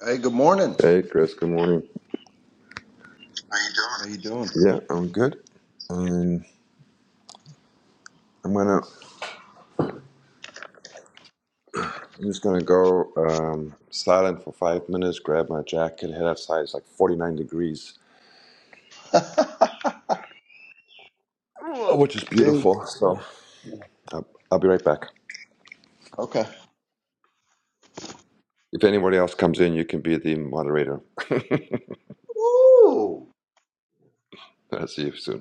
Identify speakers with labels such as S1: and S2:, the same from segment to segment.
S1: Hey, good morning.
S2: Hey, Chris. Good morning. How you
S1: How you doing?
S2: doing? Yeah, I'm good. Um, I'm gonna. I'm just gonna go um, silent for five minutes. Grab my jacket. Head outside. It's like 49 degrees, Whoa. which is
S1: Dude.
S2: beautiful. So I'll, I'll be right back.
S1: Okay.
S2: If anybody else comes in, you can be the moderator.
S1: Ooh.
S2: I'll see you soon.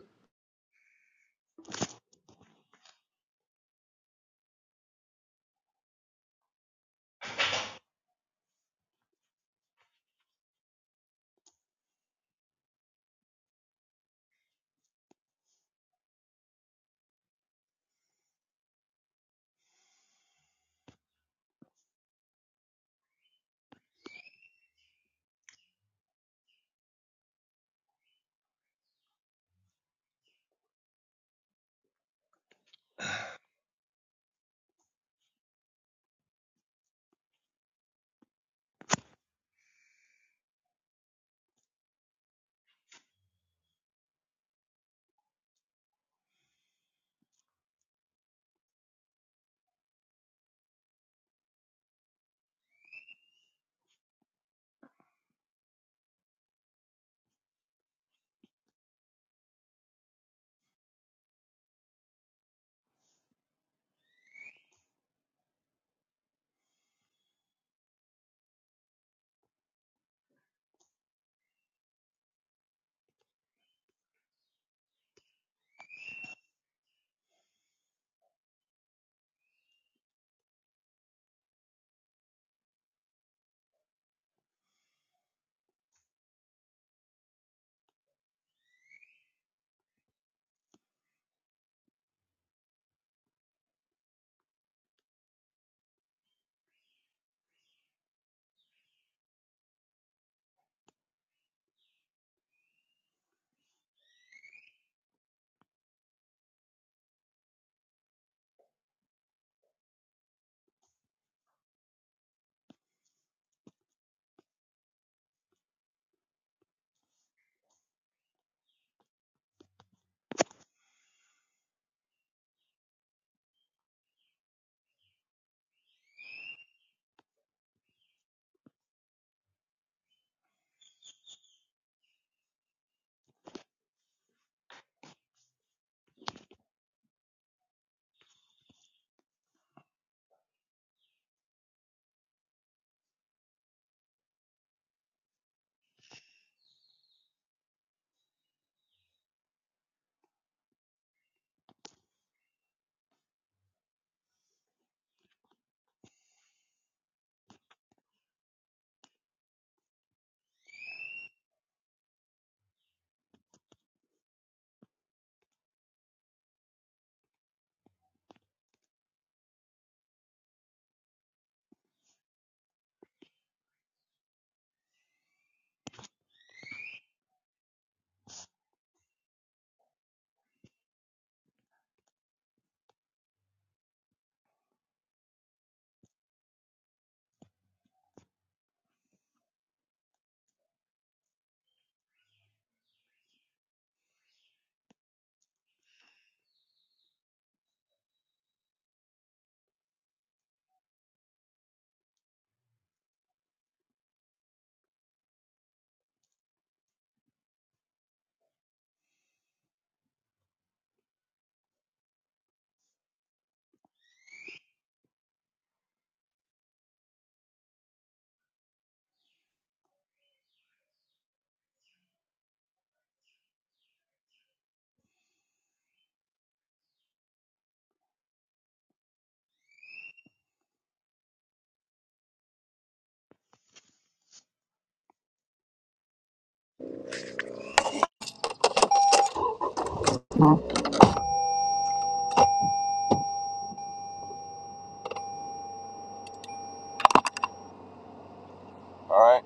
S2: All right.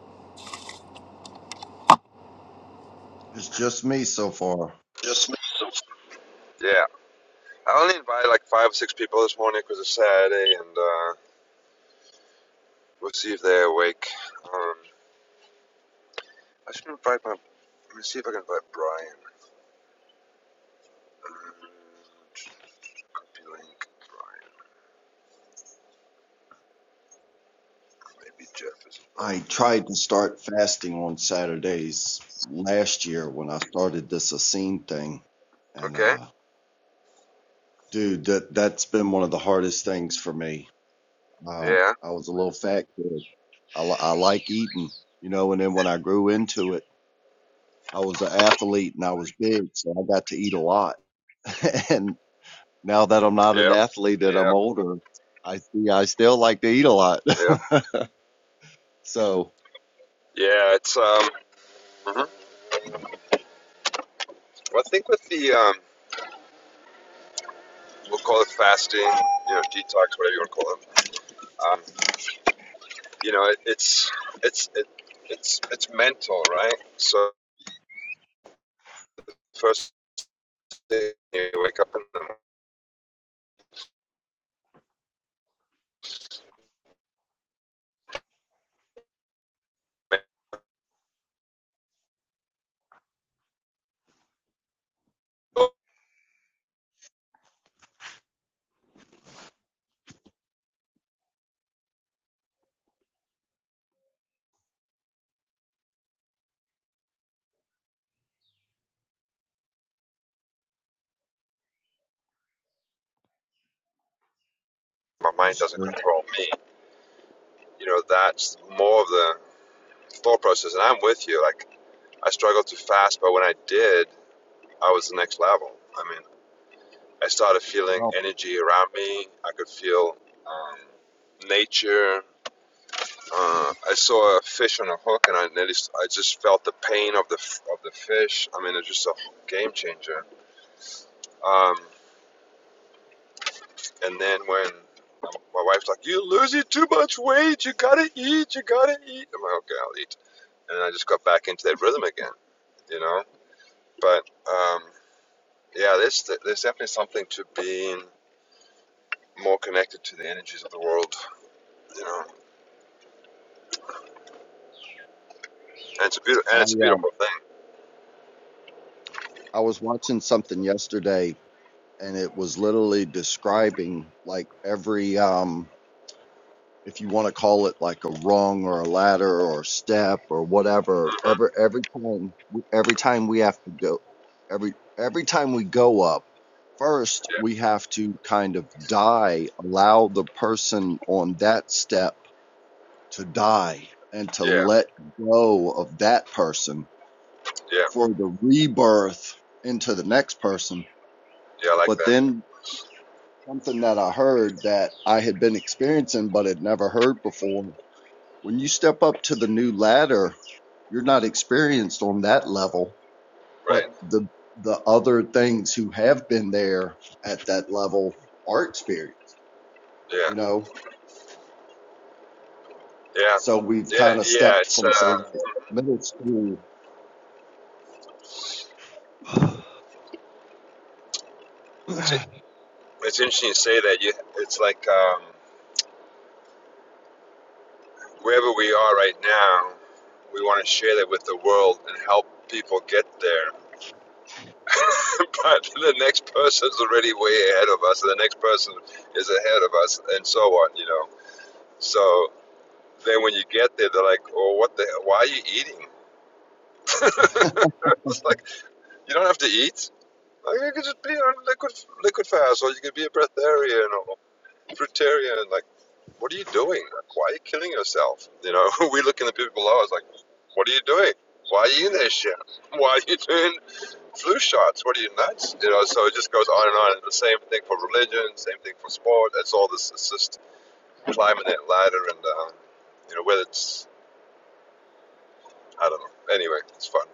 S1: It's just me so far.
S2: Yeah. I only invited like five or six people this morning because it's Saturday, and uh, we'll see if they're awake. Um, I should invite my. Let me see if I can invite Brian. Um, Blank, Brian. Maybe Jeff is
S1: I
S2: involved.
S1: tried to start fasting on Saturdays last year when I started this Essene thing. And
S2: Okay.
S1: uh dude, that that's been one of the hardest things for me. Uh,
S2: Yeah.
S1: I was a little fat kid. I, li- I like eating, you know, and then when I grew into it, I was an athlete and I was big, so I got to eat a lot. and Now that I'm not an
S2: Yeah.
S1: athlete and I'm
S2: Yeah.
S1: older, I see I still like to eat a lot.
S2: Yeah.
S1: So,
S2: Yeah. It's um. hmm Well, I think with the um, we'll call it fasting, you know, detox, whatever you want to call it. Um, you know, it, it's it's it, it's it's mental, right? So first thing you wake up in the morning, my mind doesn't
S1: uh,
S2: control me. You know, that's more of the thought process, and I'm with you. Like I struggled to fast, but when I did, I was the next level. I mean. I started feeling
S1: no,
S2: energy around me. I could feel um, nature. Uh, I saw a fish on a hook, and I nearly, I just felt the pain of the of the fish. I mean, it's just a game changer. Um, and then when my wife's like, "You're losing too much weight. You gotta eat. You gotta eat." I'm like, "Okay, I'll eat." And then I just got back into that rhythm again you know. But um, yeah, there's there's definitely something to being more connected to the energies of the world, you know. And it's a beautiful and
S1: I
S2: it's a
S1: um
S2: beautiful thing.
S1: I was watching something yesterday and it was literally describing like every um if you want to call it like a rung or a ladder or a step or whatever,
S2: hmm
S1: every every time every time we have to go every every time we go up first
S2: Yeah,
S1: we have to kind of die allow the person on that step to die and to
S2: yeah,
S1: let go of that person
S2: yeah,
S1: for the rebirth into the next person.
S2: yeah. I like
S1: But
S2: that.
S1: then something that I heard that I had been experiencing but had never heard before when you step up to the new ladder, you're not experienced on that level, but
S2: Right.
S1: the the other things who have been there at that level are experienced,
S2: Yeah,
S1: you know?
S2: yeah,
S1: So we've
S2: yeah,
S1: kind of
S2: yeah.
S1: stepped
S2: It's
S1: from, say,
S2: uh,
S1: like middle school. yeah.
S2: it's, it's interesting you say that. You, it's like um, wherever we are right now, we want to share that with the world and help people get there. but the next person's already way ahead of us, and the next person is ahead of us, and so on. You know. So then when you get there, they're like, "Oh, what the? Why are you eating?" it's like you don't have to eat. I mean, you could just be on a liquid liquid fast, or you could be a breatharian or fruitarian. Like, what are you doing? Like, why are you killing yourself? You know, we look in the people below us like, what are you doing? Why are you in this shit? Why are you doing flu shots? What are you nuts? You know, so it just goes on and on. And the same thing for religion, same thing for sport. It's all this, it's just climbing that ladder and, uh, you know, whether it's, I don't know. Anyway, it's fun.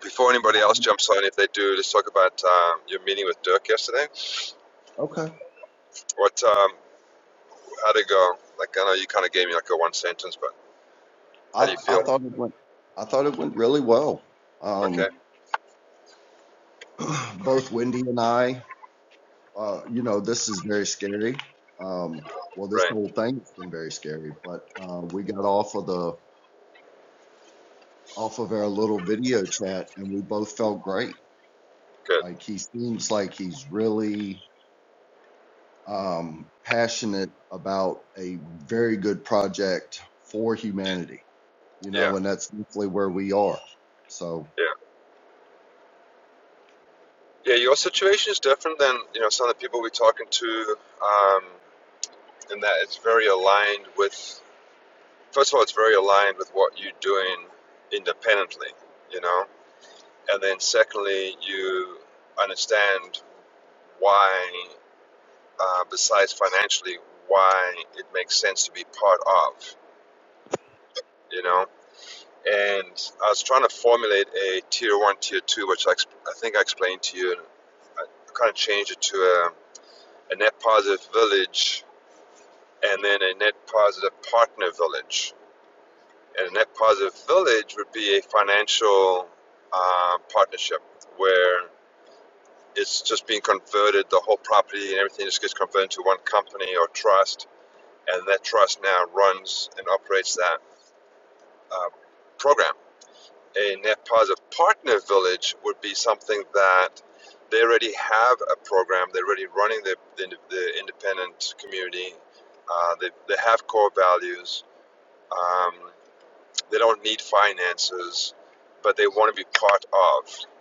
S2: Before anybody else jumps on, if they do, let's talk about um, your meeting with Dirk yesterday.
S1: Okay.
S2: What? Um, How'd it go? Like, I know you kind of gave me like a one sentence, but
S1: I,
S2: how do you
S1: I
S2: feel?
S1: thought it went I thought it went really well.
S2: Okay,
S1: Um, both Wendy and I, uh, you know, this is very scary. Um, well, this
S2: right,
S1: whole thing's been very scary, but uh, we got off of the off of our little video chat, and we both felt great.
S2: good.
S1: Like he seems like he's really um, passionate about a very good project for humanity, you
S2: Yeah,
S1: know, and that's definitely where we are. So
S2: yeah. Yeah, your situation is different than, you know, some of the people we're talking to um, in that it's very aligned with, first of all, it's very aligned with what you're doing independently, you know? And then secondly, you understand why, uh, besides financially, why it makes sense to be part of, you know? and I was trying to formulate a tier one, tier two, which I, I think I explained to you, and I kind of changed it to a, a net positive village and then a net positive partner village. And a net positive village would be a financial uh, partnership where it's just being converted, the whole property and everything just gets converted to one company or trust, and that trust now runs and operates that uh, program a net positive partner village would be something that they already have a program. They're already running the, the, the independent community. Uh, they, they have core values. Um, they don't need finances, but they want to be part of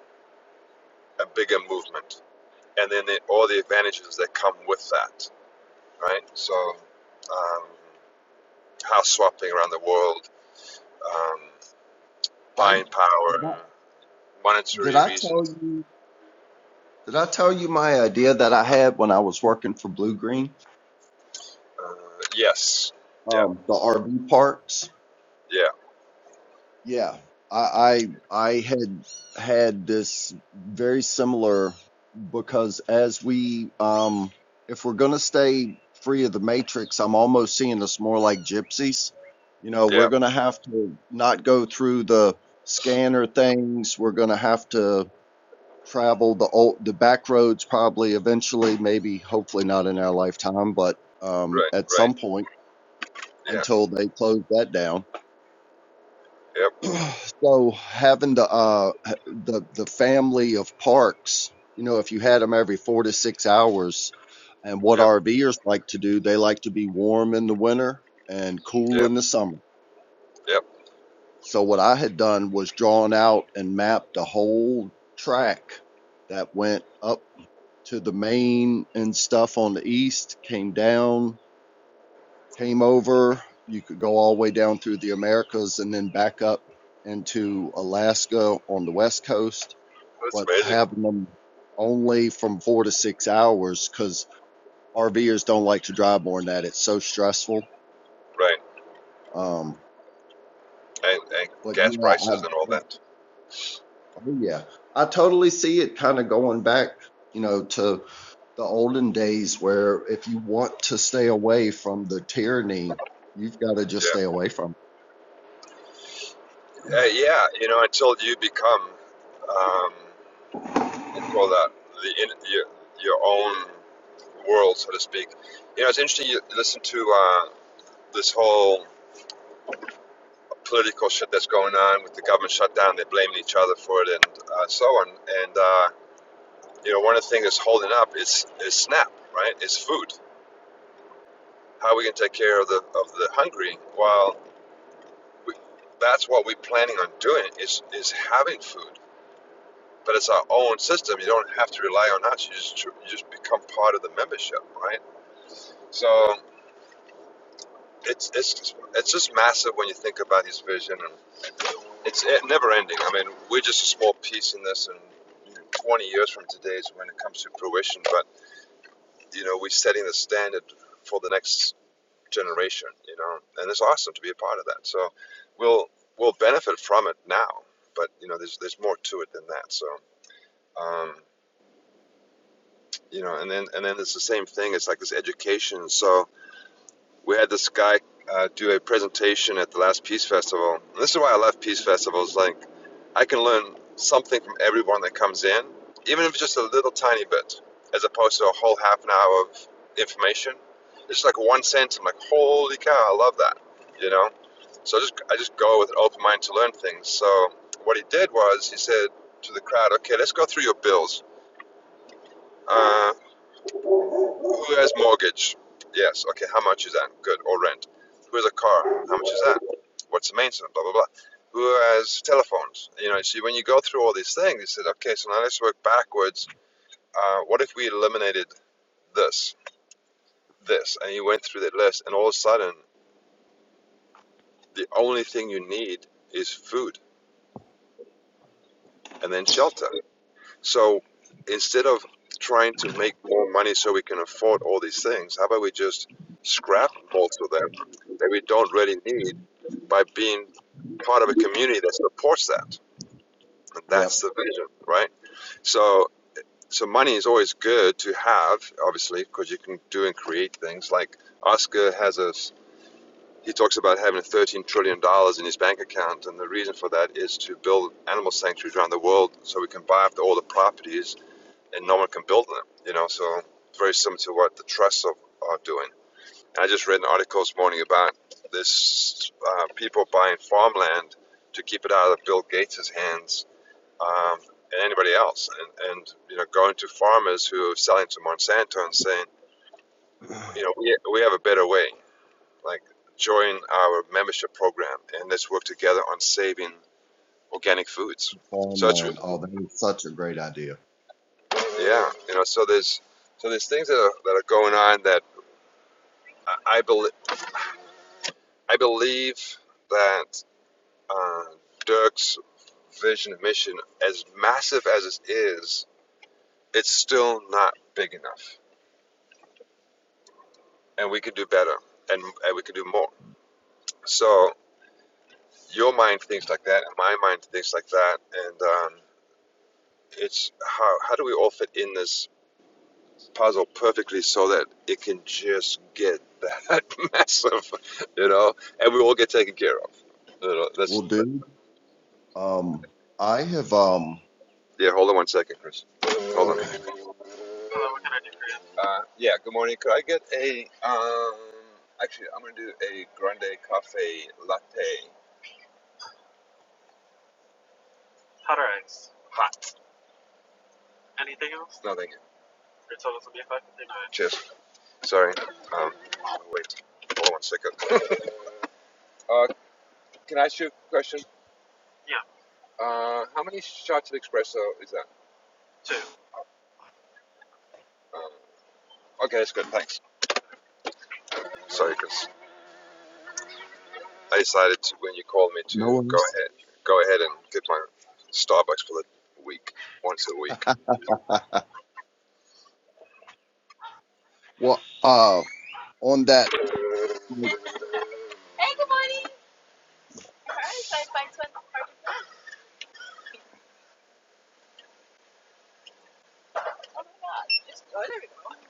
S2: a bigger movement. And then they, all the advantages that come with that, right? So, um, house swapping around the world, um,
S1: I
S2: buying
S1: did
S2: power,
S1: I, did
S2: monetary
S1: I tell
S2: reasons.
S1: you? Did I tell you my idea that I had when I was working for Blue Green?
S2: Uh, yes,
S1: Um, the RV parks.
S2: Yeah,
S1: Yeah, I, I I had had this very similar because as we um, if we're gonna stay free of the matrix, I'm almost seeing us more like gypsies. You know,
S2: yeah,
S1: we're gonna have to not go through the scanner things. We're gonna have to travel the old the back roads probably eventually maybe hopefully not in our lifetime but um
S2: right,
S1: at
S2: right.
S1: some point
S2: Yeah,
S1: until they close that down
S2: yep,
S1: so having the uh the the family of parks you know if you had them every 4 to 6 hours and what
S2: yep,
S1: RVers like to do they like to be warm in the winter and cool
S2: yep,
S1: in the summer
S2: yep.
S1: so what I had done was drawn out and mapped a whole track that went up to the main and stuff on the east, came down, came over. You could go all the way down through the Americas and then back up into Alaska on the west coast,
S2: That's
S1: but
S2: amazing.
S1: having them only from four to six hours because RVers don't like to drive more than that. It's so stressful.
S2: Right.
S1: Um,
S2: And, and
S1: but
S2: gas
S1: yeah,
S2: prices and all
S1: I, I-
S2: that.
S1: oh yeah, I totally see it kind of going back, you know, to the olden days where if you want to stay away from the tyranny, you've got to just stay
S2: Yeah.
S1: away from
S2: Uh, yeah, you know, until you become, um, what do you call that, the in, your, your own world, so to speak. You know, it's interesting you listen to uh, this whole political shit that's going on with the government shutdown. They're blaming each other for it and uh, so on. And, uh, you know, one of the things that's holding up is, is SNAP, right? It's food How are we going to take care of the of the hungry? Well, we, that's what we're planning on doing is is having food, but it's our own system. You don't have to rely on us. You just you just become part of the membership, right? So it's it's it's just massive when you think about his vision, and it's eh, never ending. I mean, we're just a small piece in this, and 20 years from today is when it comes to fruition. But you know, we're setting the standard for the next generation, you know, and it's awesome to be a part of that. So we'll we'll benefit from it now, but you know, there's there's more to it than that. So um, you know, and then and then it's the same thing. It's like this education. So we had this guy uh, do a presentation at the last Peace Festival. And this is why I love Peace Festivals. Like, I can learn something from everyone that comes in, even if it's just a little tiny bit, as opposed to a whole half an hour of information. It's like one sentence. I'm like, holy cow, I love that, you know. So I just I just go with an open mind to learn things. So what he did was he said to the crowd, okay, let's go through your bills. Uh, who has mortgage? Yes. Okay. How much is that? Good. Or rent. Who has a car? How much is that? What's the maintenance? Blah blah blah. Who has telephones? You know. See, when you go through all these things, you said, okay, so now let's work backwards. Uh, what if we eliminated this, this, and you went through that list, and all of a sudden, the only thing you need is food and then shelter. So instead of trying to make more money so we can afford all these things, how about we just scrap most of them that we don't really need by being part of a community that supports that? And
S1: it.
S2: that's
S1: Yep.
S2: the vision, right? So, so money is always good to have, obviously, because you can do and create things. Like Oscar has a, he talks about having 13 trillion dollars in his bank account, and the reason for that is to build animal sanctuaries around the world so we can buy up all the properties and no one can build them. You know, so it's very similar to what the trusts are, are doing. And I just read an article this morning about this uh, people buying farmland to keep it out of Bill Gates' hands um, and anybody else, and, and you know, going to farmers who are selling to Monsanto and saying, you know, we, we have a better way. Like, join our membership program and let's work together on saving organic foods. So it's
S1: Farmland. Oh, that is such a great idea.
S2: yeah, you know, so there's so there's things that are, that are going on that I believe. I believe that uh, Dirk's vision and mission, as massive as it is, it's still not big enough, and we could do better, and, and we could do more. So your mind thinks like that, and my mind thinks like that, and um, it's how how do we all fit in this puzzle perfectly so that it can just get that massive, you know, and we all get taken care of. You know,
S1: Well,
S2: that's
S1: dude, um, I have, um,
S2: yeah. Hold on one second, Chris. Hold on.
S1: okay,
S2: Hello, what can I do for you? Uh, yeah, good morning. Could I get a, um, actually, I'm going to do a grande cafe latte. Hot or iced? Hot. Anything else? No, thank you. Your total will be 559. Cheers. Sorry. Um, wait. Hold on one second. uh, can I ask you a question? Yeah, Uh, how many shots of espresso is that? two. Uh, okay, that's good. Thanks. Sorry, because I decided to, when you called me
S1: no
S2: to go
S1: worries.
S2: ahead, go ahead and get my Starbucks for the week, once a week.
S1: well, uh, on that, like,
S2: Hey, good morning. Hi, sorry, my twin. project. Oh my god, it's good, everyone.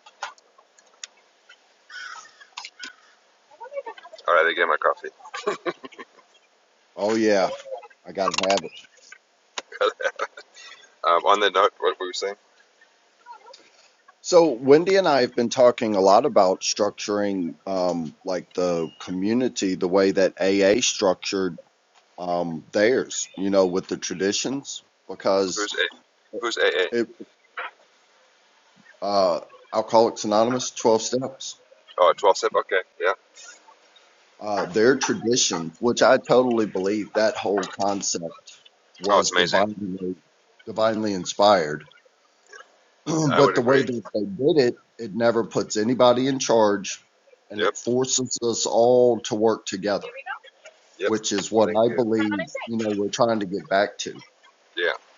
S2: I wonder if I have it. All right, I get my coffee.
S1: oh, yeah, I got to have it.
S2: um, on the note, what were we saying?
S1: So, Wendy and I have been talking a lot about structuring, um, like the community, the way that AA structured um, theirs, you know, with the traditions, because
S2: Who's A? Who's a a?
S1: it, uh, Alcoholics Anonymous, 12 steps,
S2: Oh, twelve step. Okay, yeah.
S1: uh, their tradition, which I totally believe that whole concept
S2: Oh, it's
S1: was
S2: amazing.
S1: divinely, divinely inspired.
S2: I
S1: but
S2: would
S1: the way
S2: agree.
S1: that they did it, it never puts anybody in charge and
S2: Yep,
S1: it forces us all to work together,
S2: Here we go. yep.
S1: which is what
S2: Thank
S1: I
S2: you. Have a nice
S1: believe, you
S2: day.
S1: know, we're trying to get back to
S2: Yeah.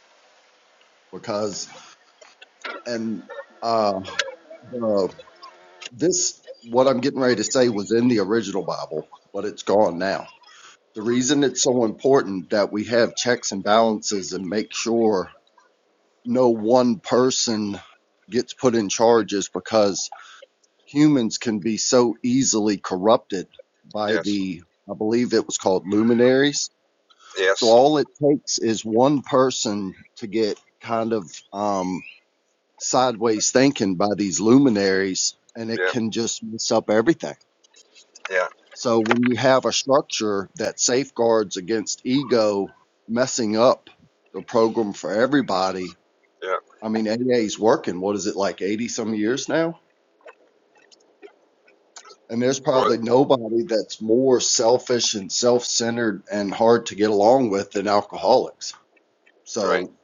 S1: because, and, uh, the this what I'm getting ready to say was in the original Bible, but it's gone now. The reason it's so important that we have checks and balances and make sure no one person gets put in charge is because humans can be so easily corrupted by
S2: Yes.
S1: the I believe it was called luminaries. So
S2: Yes.
S1: all it takes is one person to get kind of um sideways thinking by these luminaries and it
S2: Yeah.
S1: can just mess up everything
S2: Yeah.
S1: So when you have a structure that safeguards against ego messing up the program for everybody,
S2: Yeah.
S1: I mean A A is working. What is it like 80 some years now? And there's
S2: Well,
S1: probably nobody that's more selfish and self-centered and hard to get along with than alcoholics.
S2: right.
S1: So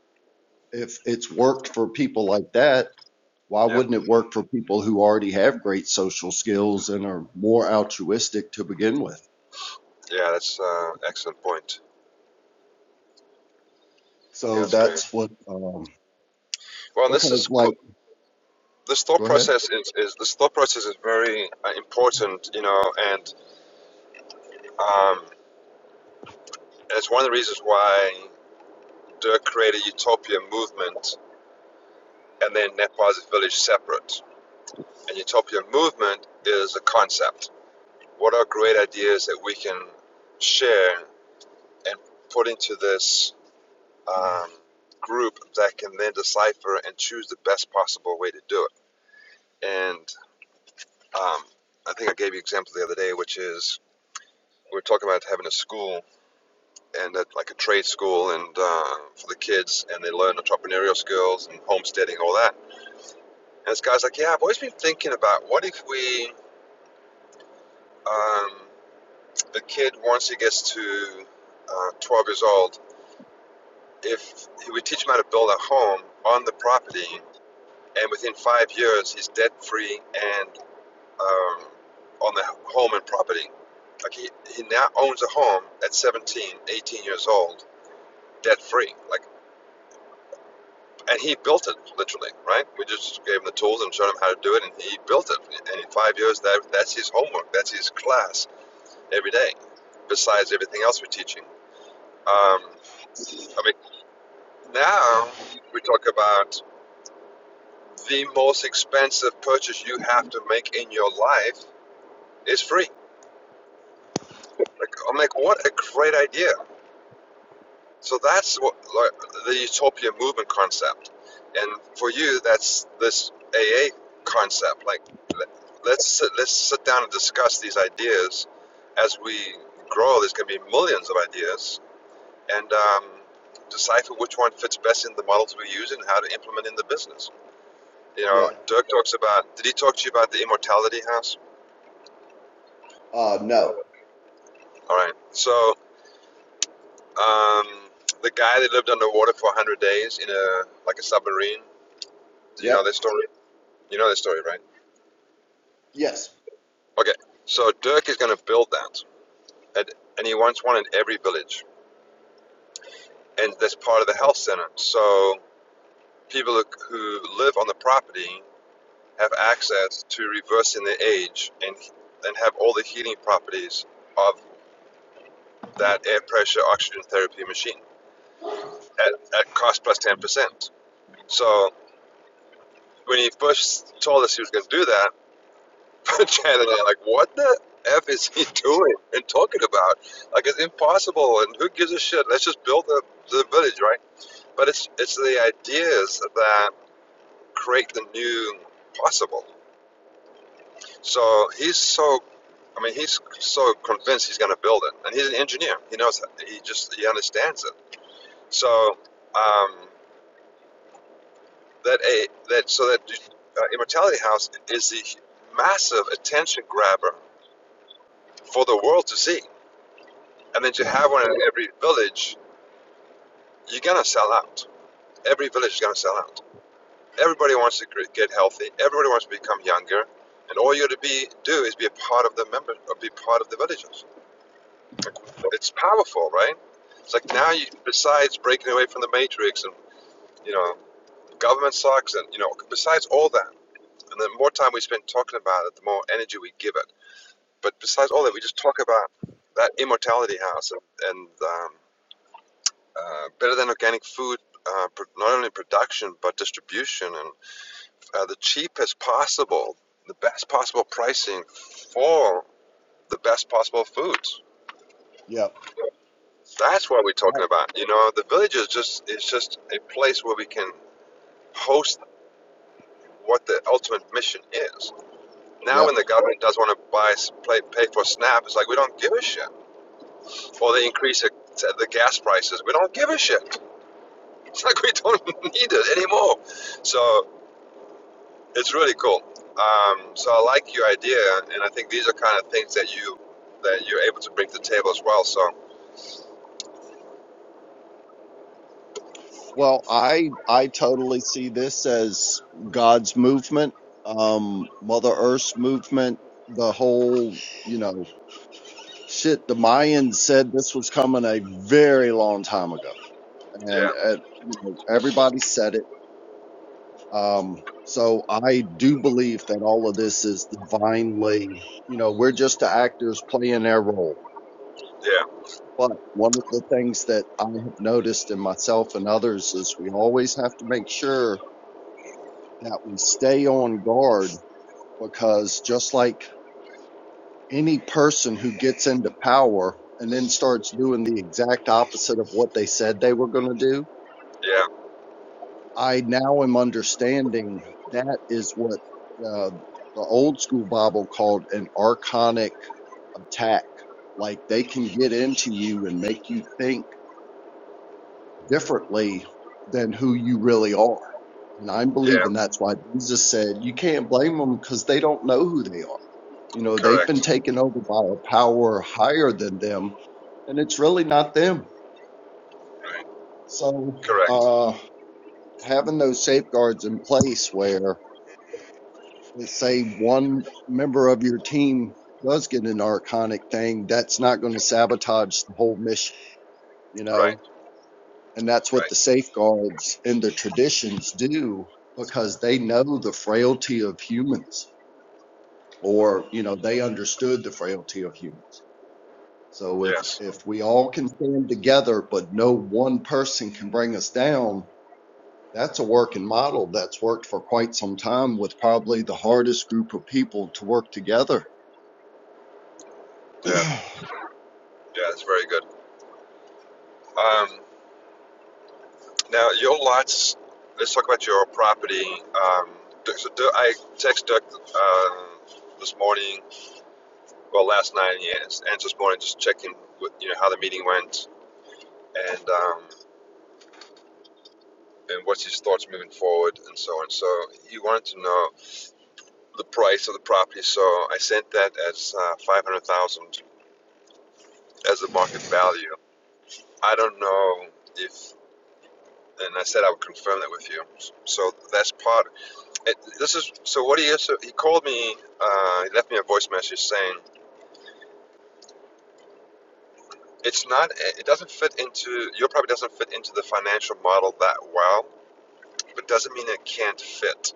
S1: if it's worked for people like that, why
S2: Yep.
S1: wouldn't it work for people who already have great social skills and are more altruistic to begin with?
S2: Yeah. That's uh, excellent point. Yeah,
S1: So
S2: that's great.
S1: that's what um
S2: Well, this is
S1: because
S2: cool.
S1: like
S2: This thought
S1: go ahead.
S2: process is, is this thought process is very uh, important, you know, and Um, and it's one of the reasons why Dirk created Utopia Movement and then Net Positive Village separate. And Utopia Movement is a concept. What are great ideas that we can share and put into this um, group that can then decipher and choose the best possible way to do it? And um, I think I gave you an example the other day, which is we were talking about having a school and at like a trade school and uh, for the kids, and they learn entrepreneurial skills and homesteading, all that. And this guy's like, yeah, I've always been thinking about what if we, um, a kid once he gets to uh, 12 years old, if we teach him how to build a home on the property, and within five years he's debt free and um, on the home and property. Like he, he now owns a home at 17, 18 years old, debt free. Like and he built it literally, right? We just gave him the tools and showed him how to do it, and he built it. And in five years, that that's his homework, that's his class every day, besides everything else we're teaching. Um, I mean, now we talk about the most expensive purchase you have to make in your life is free. Like, I'm like, what a great idea! So that's what like, the utopia movement concept, and for you, that's this AA concept. Like, let- us let's sit down and discuss these ideas as we grow. There's going to be millions of ideas, and um, decipher which one fits best in the models we use and how to implement in the business. You know,
S1: Yeah.
S2: Dirk talks about. Did he talk to you about the immortality house?
S1: Uh, no.
S2: All right. So um, the guy that lived underwater for 100 days in a like a submarine. Do you know
S1: Yep.
S2: this story? You know the story, right?
S1: Yes.
S2: Okay. So Dirk is going to build that, and, and he wants one in every village, and that's part of the health center. So people who who live on the property have access to reversing their age and and have all the healing properties of that air pressure oxygen therapy machine at, at cost plus ten percent. So when he first told us he was going to do that, Chad and I, like, what the F is he doing and talking about? Like, it's impossible, and who gives a shit? Let's just build the, the village, right? But it's, it's the ideas that create the new possible. So he's so, I mean, he's so convinced he's going to build it. And he's an engineer. He knows that. He just, he understands it. So um, that, a, that, so that uh, Immortality House is the massive attention grabber for the world to see and then to
S1: Yep.
S2: have one in every village, you're going to sell out. Every village is going to sell out. Everybody wants to get healthy. Everybody wants to become younger, and all you got to be do is be a part of the member, or be part of the villages. Like, It's powerful, right? It's like now you, besides breaking away from the matrix, and you know, government sucks, and you know, besides all that, and the more time we spend talking about it, the more energy we give it. But besides all that, we just talk about that immortality house and, and um, uh, better than organic food, uh, not only production but distribution, and uh, the cheapest possible, the best possible pricing for the best possible foods.
S1: Yep.
S2: That's what we're
S1: Right.
S2: talking about. You know, the village is just is just a place where we can host what the ultimate mission is. Now,
S1: Yep.
S2: when the government does want to buy s- pay, pay for SNAP, it's like we don't give a shit. Or they increase it, the gas prices, we don't give a shit. It's like we don't need it anymore. So It's really cool. Um, so I like your idea, and I think these are kind of things that you that you're able to bring to the table as well. So
S1: Well, I I totally see this as God's movement, um, Mother Earth's movement, the whole, you know, shit. The Mayans said this was coming a very long time ago, and
S2: yeah,
S1: uh, you know, everybody said it. Um, so I do believe that all of this is divinely, you know, we're just the actors playing their role
S2: yeah,
S1: But one of the things that I have noticed in myself and others is we always have to make sure that we stay on guard because just like any person who gets into power and then starts doing the exact opposite of what they said they were going to do,
S2: yeah,
S1: I now am understanding that is what uh, the old school Bible called an archonic attack. Like they can get into you and make you think differently than who you really are. And I'm believing
S2: yeah.
S1: that's why Jesus said you can't blame them because they don't know who they are. You know, they've been
S2: Correct,
S1: taken over by a power higher than them, and it's really not them. So,
S2: correct.
S1: uh, having those safeguards in place where, let's say, one member of your team does get an archonic thing, that's not going to sabotage the whole mission, you
S2: Right,
S1: know? And that's what the
S2: right.
S1: safeguards and the traditions do because they know the frailty of humans or, you know, they understood the frailty of humans. So if,
S2: Yes,
S1: if we all can stand together, but no one person can bring us down, that's a working model that's worked for quite some time with probably the hardest group of people to work together.
S2: yeah, yeah. That's very good. Um, now your lots. Let's talk about your property. Um, Dirk- so Dirk- I text Dirk uh, this morning, well last night, yes, and this morning, just checking with you know how the meeting went, and um, and what's his thoughts moving forward and so on. So he wanted to know the price of the property, so I sent that as uh, five hundred thousand dollars as the market value. I don't know if, and I said I would confirm that with you. So that's part. It, this is so. What he so he called me. Uh, he left me a voice message saying it's not. It doesn't fit into your property. Doesn't fit into the financial model that well, but doesn't mean it can't fit.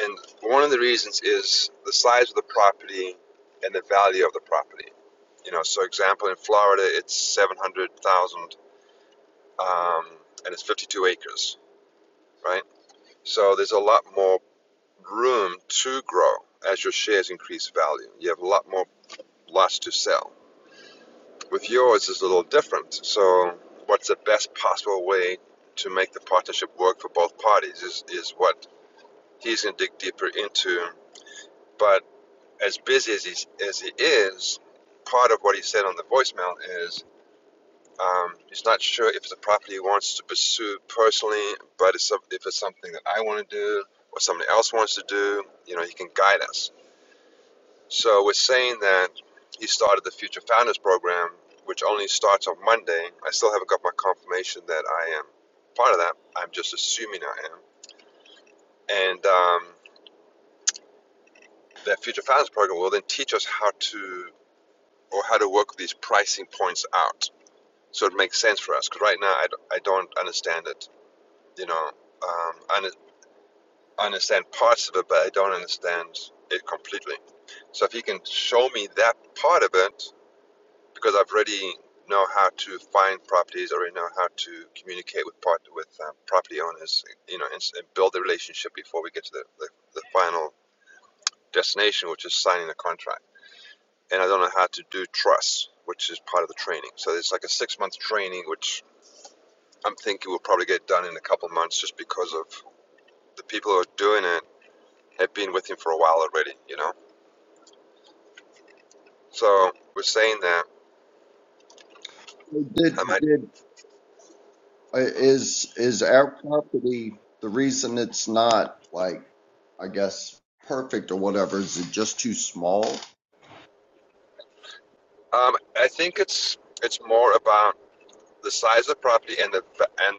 S2: And one of the reasons is the size of the property and the value of the property. You know, so example in Florida, it's seven hundred thousand, um, and it's fifty-two acres, right? So there's a lot more room to grow as your shares increase value. You have a lot more lots to sell. With yours, it's a little different. So, what's the best possible way to make the partnership work for both parties is is what he's going to dig deeper into, but as busy as he as he is, part of what he said on the voicemail is um, he's not sure if it's a property he wants to pursue personally, but it's if it's something that I want to do or somebody else wants to do, you know, he can guide us. So we're saying that he started the Future Founders Program, which only starts on Monday. I still haven't got my confirmation that I am part of that. I'm just assuming I am. And um, that Future Founders Program will then teach us how to or how to work these pricing points out so it makes sense for us. Because right now, I I d- I don't understand it. You know, um, I understand parts of it, but I don't understand it completely. So if you can show me that part of it, because I've already know how to find properties, already know how to communicate with part with um, property owners, you know, and, and build the relationship before we get to the, the, the final destination, which is signing the contract. And I don't know how to do trusts, which is part of the training. So it's like a six month training, which. I'm thinking we'll probably get done in a couple months just because of the people who are doing it have been with him for a while already, you know. So we're saying that I
S1: did,
S2: might.
S1: did, uh, is, is our property the reason it's not like I guess perfect or whatever is it just too small?
S2: Um, I think it's it's more about the size of the property and the and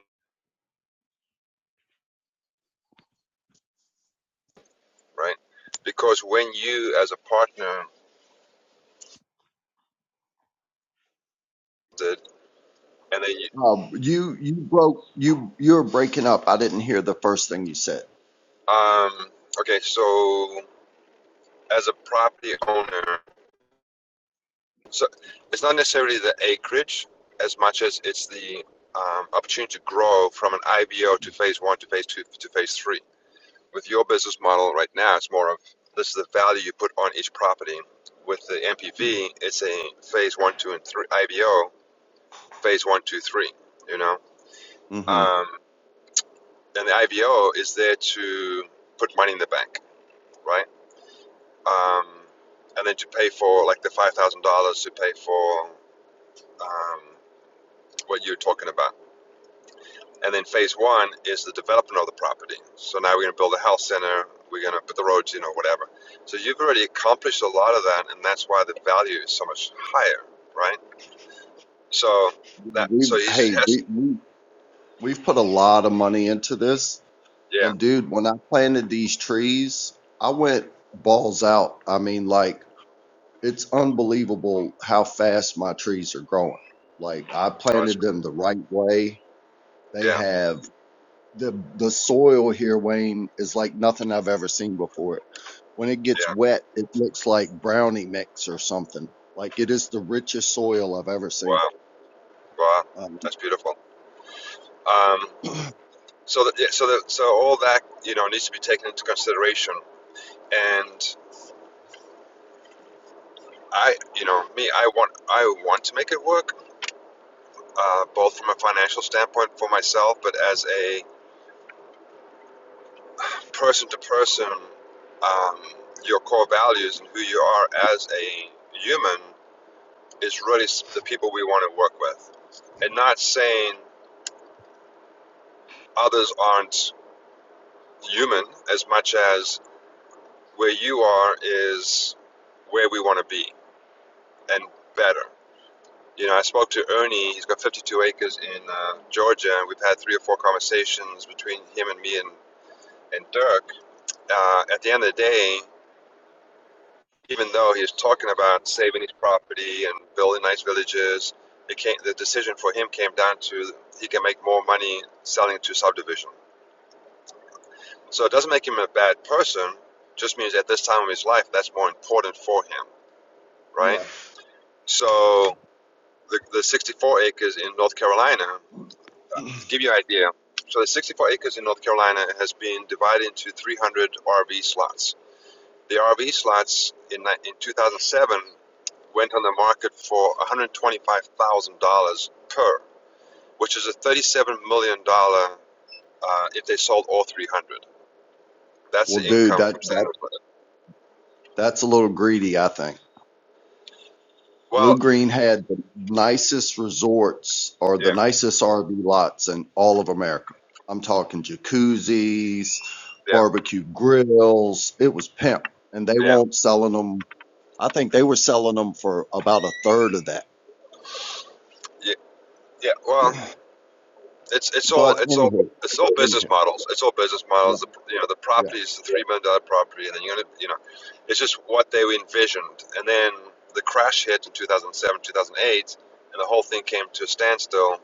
S2: right because when you as a partner did and then you,
S1: Um, you you broke you you were breaking up. I didn't hear the first thing you said.
S2: um okay so as a property owner so it's not necessarily the acreage as much as it's the um, opportunity to grow from an IBO to phase one to phase two to phase three With your business model right now, it's more of this is the value you put on each property. With the MPV, it's a phase one, two, and three IBO. Phase one, two, three. You know,
S1: hmm
S2: um, and the IBO is there to put money in the bank, right? Um, and then to pay for like the five thousand dollars to pay for um, what you're talking about. And then phase one is the development of the property. So now we're going to build a health center, we're going to put the roads in or whatever. So you've already accomplished a lot of that, and that's why the value is so much higher, right? So that so
S1: We've
S2: he just
S1: hey
S2: has
S1: we, we we've put a lot of money into this,
S2: yeah,
S1: and dude, when I planted these trees, I went balls out. I mean, like it's unbelievable how fast my trees are growing. Like I
S2: oh, that's,
S1: planted them the right way. They
S2: yeah,
S1: have. the the soil here, Wayne, is like nothing I've ever seen before. When it gets
S2: yeah.
S1: wet, it looks like brownie mix or something. Like it is the richest soil I've ever seen.
S2: Wow, wow,
S1: Um,
S2: that's beautiful. Um, so that yeah, so that so all that you know needs to be taken into consideration. And I, you know, me, I want I want to make it work, uh, both from a financial standpoint for myself, but as a person to person, um, your core values and who you are as a human is really the people we want to work with. And not saying others aren't human as much as where you are is where we want to be and better. You know, I spoke to Ernie. He's got 52 acres in uh, Georgia, and we've had three or four conversations between him and me and, and Dirk. Uh, at the end of the day, even though he's talking about saving his property and building nice villages, it came, the decision for him came down to he can make more money selling to subdivision. So it doesn't make him a bad person, just means at this time of his life, that's more important for him, right?
S1: yeah.
S2: So the, the 64 acres in North Carolina, to give you an idea, so the 64 acres in North Carolina has been divided into 300 RV slots. The RV slots in, in 2007 went on the market for $125,000 per, which is a $37 million dollars uh, if they sold all 300. That's the
S1: well, dude,
S2: income from
S1: that,
S2: selling
S1: that
S2: those.
S1: that's a little greedy, I think.
S2: Well,
S1: Blue Green had the nicest resorts or the
S2: yeah,
S1: nicest RV lots in all of America. I'm talking jacuzzis,
S2: yeah,
S1: barbecue grills. It was pimp, and they
S2: yeah,
S1: won't selling them I think they were selling them for about a third of that.
S2: yeah, yeah. Well, it's it's all
S1: But
S2: it's all
S1: anywho,
S2: it's all business
S1: anywho,
S2: models. It's all business
S1: yeah,
S2: models. The, you know, the
S1: yeah,
S2: property is the three million dollar property, and then you're gonna, you know, it's just what they envisioned. And then the crash hit in 2007, 2008, and the whole thing came to a standstill.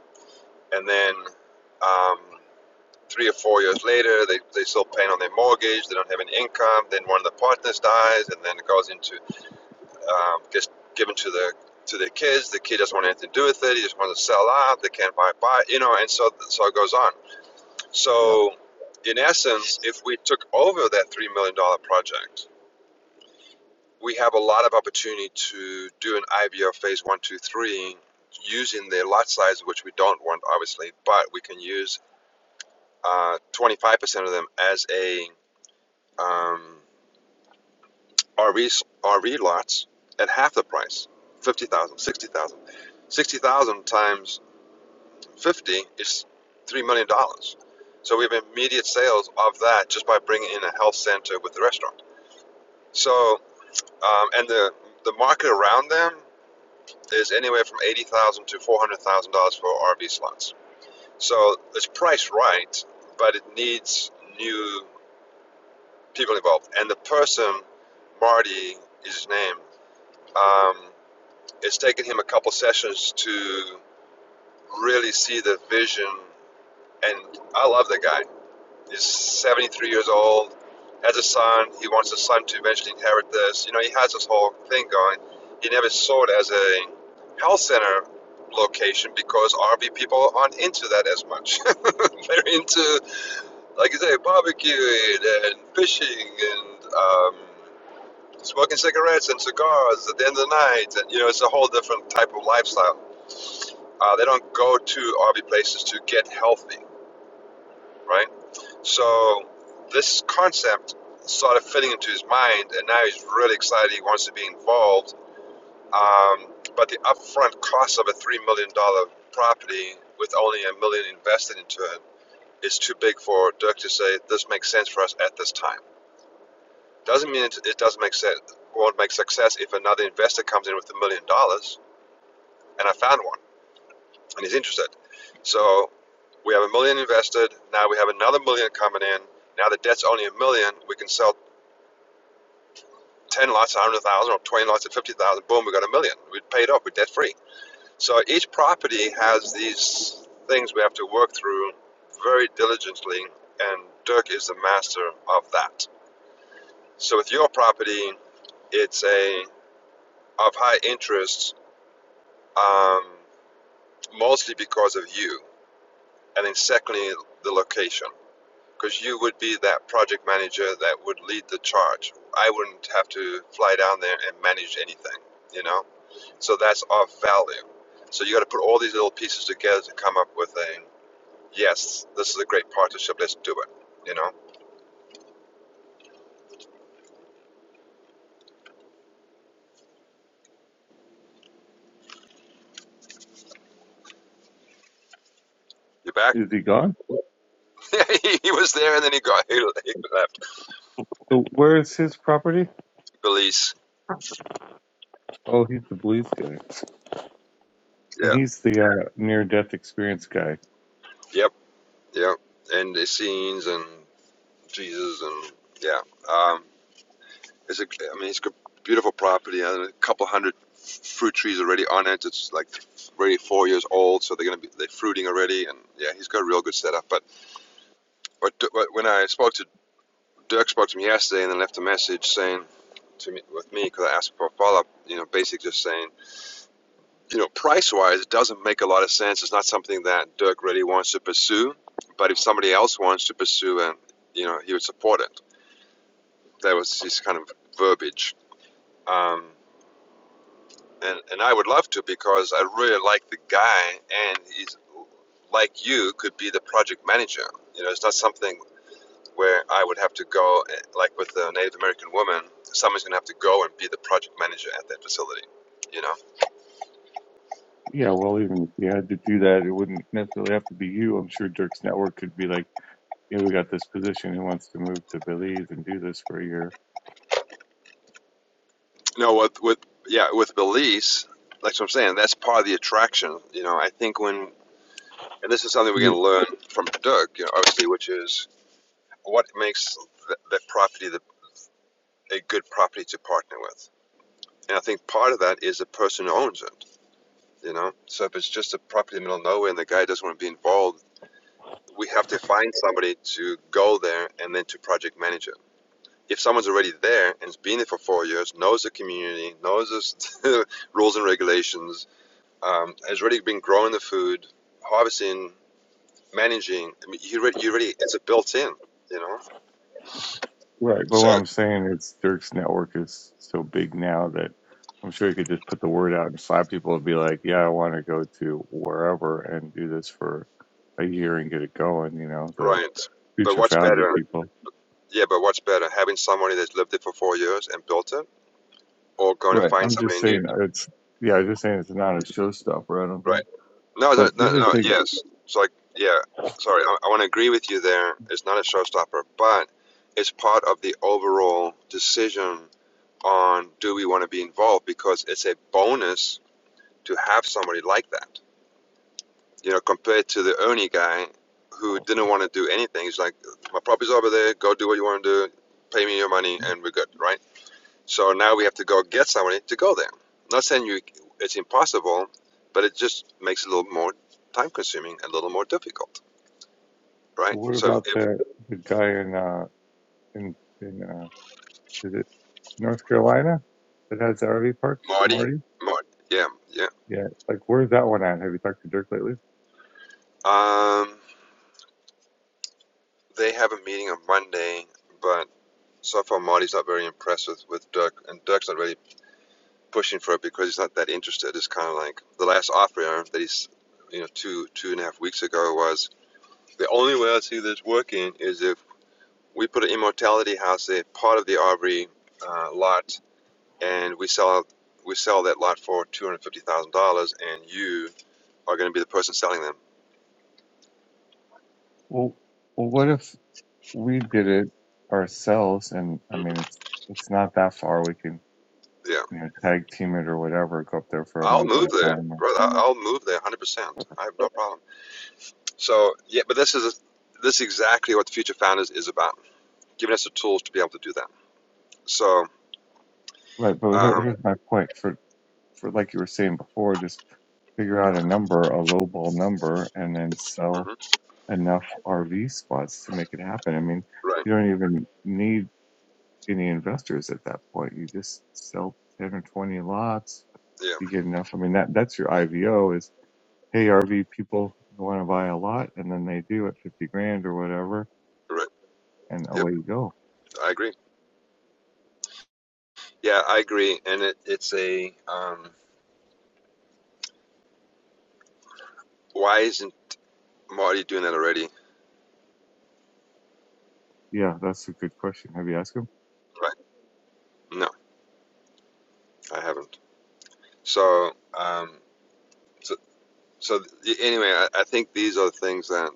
S2: And then um, Three or four years later, they, they're still paying on their mortgage, they don't have any income, then one of the partners dies, and then it goes into, um, gets given to the to their kids, the kid doesn't want anything to do with it. He just wants to sell out. They can't buy, buy, you know, and so so it goes on.
S1: yeah.
S2: So, in essence, if we took over that three million dollar project, we have a lot of opportunity to do an IVO phase one, two, three, using the lot size, which we don't want, obviously, but we can use uh, 25% of them as a um, RVs, RV lots at half the price, 50,000, 60,000. 60,000 times 50 is $3 million. dollars. So we have immediate sales of that just by bringing in a health center with the restaurant. So, um, and the, the market around them is anywhere from 80000 to $400,000 for RV slots. So it's priced right, but it needs new people involved. And the person, Marty is his name, um, It's taken him a couple sessions to really see the vision. And I love the guy. He's 73 years old, has a son. He wants the son to eventually inherit this. You know, he has this whole thing going. He never saw it as a health center location because RV people aren't into that as much. They're into, like you say, barbecuing and fishing and um, smoking cigarettes and cigars at the end of the night. And, you know, it's a whole different type of lifestyle. Uh, they don't go to RV places to get healthy, right? So this concept started fitting into his mind, and now he's really excited. He wants to be involved. Um, but the upfront cost of a three million dollar property with only a million invested into it is too big for Dirk to say this makes sense for us at this time. Doesn't mean it, doesn't make sense. Won't make success if another investor comes in with a million dollars, and I found one and he's interested. So we have a million invested. Now we have another million coming in. Now the debt's only a million. We can sell 10 lots at 100,000 or 20 lots at 50,000. Boom, we got a million. We paid off. We're debt free. So each property has these things we have to work through very diligently, and Dirk is the master of that. So with your property, it's a of high interest, um, mostly because of you, and then secondly the location. because you would be that project manager that would lead the charge. I wouldn't have to fly down there and manage anything, you know? So that's our value. So you got to put all these little pieces together to come up with a yes, this is a great partnership, let's do it, you know? You back?
S3: Is he gone?
S2: he was there and then he got, he, he left.
S3: So where is his property?
S2: Belize.
S3: Oh, he's the blues guy, and
S2: Yeah.
S3: he's the uh, near-death experience guy.
S2: Yep. Yep. And the scenes and Jesus and yeah. Um, It's a, I mean, it's a beautiful property. And a couple hundred fruit trees already on it. It's like already four years old, so they're gonna be they're fruiting already. And yeah, he's got a real good setup. But what, what when I spoke to Dirk, spoke to me yesterday, and then left a message saying to me with me because I asked for a follow up. You know, basically just saying, you know, price wise, it doesn't make a lot of sense. It's not something that Dirk really wants to pursue. But if somebody else wants to pursue, and you know, he would support it. That was his kind of verbiage. Um, and and I would love to because I really like the guy, and he's like you could be the project manager. You know, it's not something where I would have to go eh, like with the Native American woman. Someone's gonna have to go and be the project manager at that facility. You know,
S3: Yeah, well, even if you had to do that, it wouldn't necessarily have to be you. I'm sure Dirk's network could be like, "Yeah, we got this position. Who wants to move to Belize and do this for a year?"
S2: no, with with yeah, with Belize, like I'm saying, that's part of the attraction. You know, I think when and this is something we're
S3: Yeah,
S2: gonna learn from Doug. You know, obviously, which is what makes that property the, a good property to partner with And I think part of that is the person who owns it, you know? So if it's just a property in the middle of nowhere and the guy doesn't want to be involved, we have to find somebody to go there and then to project manage it. If someone's already there and has been there for four years, knows the community, knows the rules and regulations, um, has already been growing the food, harvesting, managing, I mean, you already, you already, it's a built in, you know?
S3: right. But
S2: So,
S3: what I'm saying is, Dirk's network is so big now that I'm sure he could just put the word out and slap people and be like, "Yeah, I want to go to wherever and do this for a year and get it going." You know, the
S2: right. But
S3: future
S2: what's
S3: founder
S2: better?
S3: people.
S2: Yeah, but what's better, having somebody that's lived there for four years and built it, or going to
S3: Right.
S2: find
S3: I'm just
S2: somebody new
S3: saying uh, it's yeah, I'm just saying it's not a showstopper, I don't
S2: Right.
S3: think.
S2: No, no,
S3: But the
S2: no,
S3: other
S2: no.
S3: thing,
S2: Yes. It's like, yeah. Sorry, I, I want to agree with you there. It's not a showstopper, but it's part of the overall decision on do we want to be involved because it's a bonus to have somebody like that. You know, compared to the Ernie guy who didn't want to do anything. He's like, my property's over there. Go do what you want to do. Pay me your money, and we're good, right? So now we have to go get somebody to go there. I'm Not saying you it's impossible, but it just makes it a little more time consuming, a little more difficult,
S3: so
S2: right?
S3: what
S2: So if
S3: about the the guy in uh in in uh is it North Carolina that has the RV parks?
S2: Marty,
S3: Marty?
S2: Marty, yeah, yeah,
S3: Yeah. Like where's that one at? Have you talked to Dirk lately?
S2: um, they have a meeting on Monday, but so far Marty's not very impressed with, with Dirk, and Dirk's not really pushing for it because he's not that interested. It's kind of like the last offer that he's, you know, two two and a half weeks ago was the only way I see this working is if We put an immortality house, a part of the Aubrey uh, lot, and we sell we sell that lot for two hundred fifty thousand dollars, and you are going to be the person selling them.
S3: Well well what if we did it ourselves and I
S2: Mm-hmm.
S3: mean it's it's not that far. We can
S2: Yeah,
S3: you know, tag team it or whatever, go up there for a
S2: I'll
S3: month at
S2: move
S3: a
S2: there,
S3: time.
S2: brother. I- will move there, hundred percent. I have no problem. So yeah, but this is a, this is exactly what the future founders is about, giving us the tools to be able to do that. So
S3: Right, but here,
S2: um,
S3: here's my point. For for like you were saying before, just figure out a number, a lowball number, and then sell
S2: mhm,
S3: enough RV spots to make it happen. I mean,
S2: right,
S3: you don't even need any investors at that point. You just sell 10 or 20 lots.
S2: yeah,
S3: You get enough. I mean, that that's your IVO is, hey, RV people want to buy a lot, and then they do at 50 grand or whatever,
S2: right,
S3: and
S2: yep,
S3: away you go.
S2: I agree. Yeah, I agree. And it, it's a um, why isn't Marty doing that already?
S3: Yeah, that's a good question. Have you asked him?
S2: Right. No. I haven't. So, um, so, so anyway, I, I think these are things that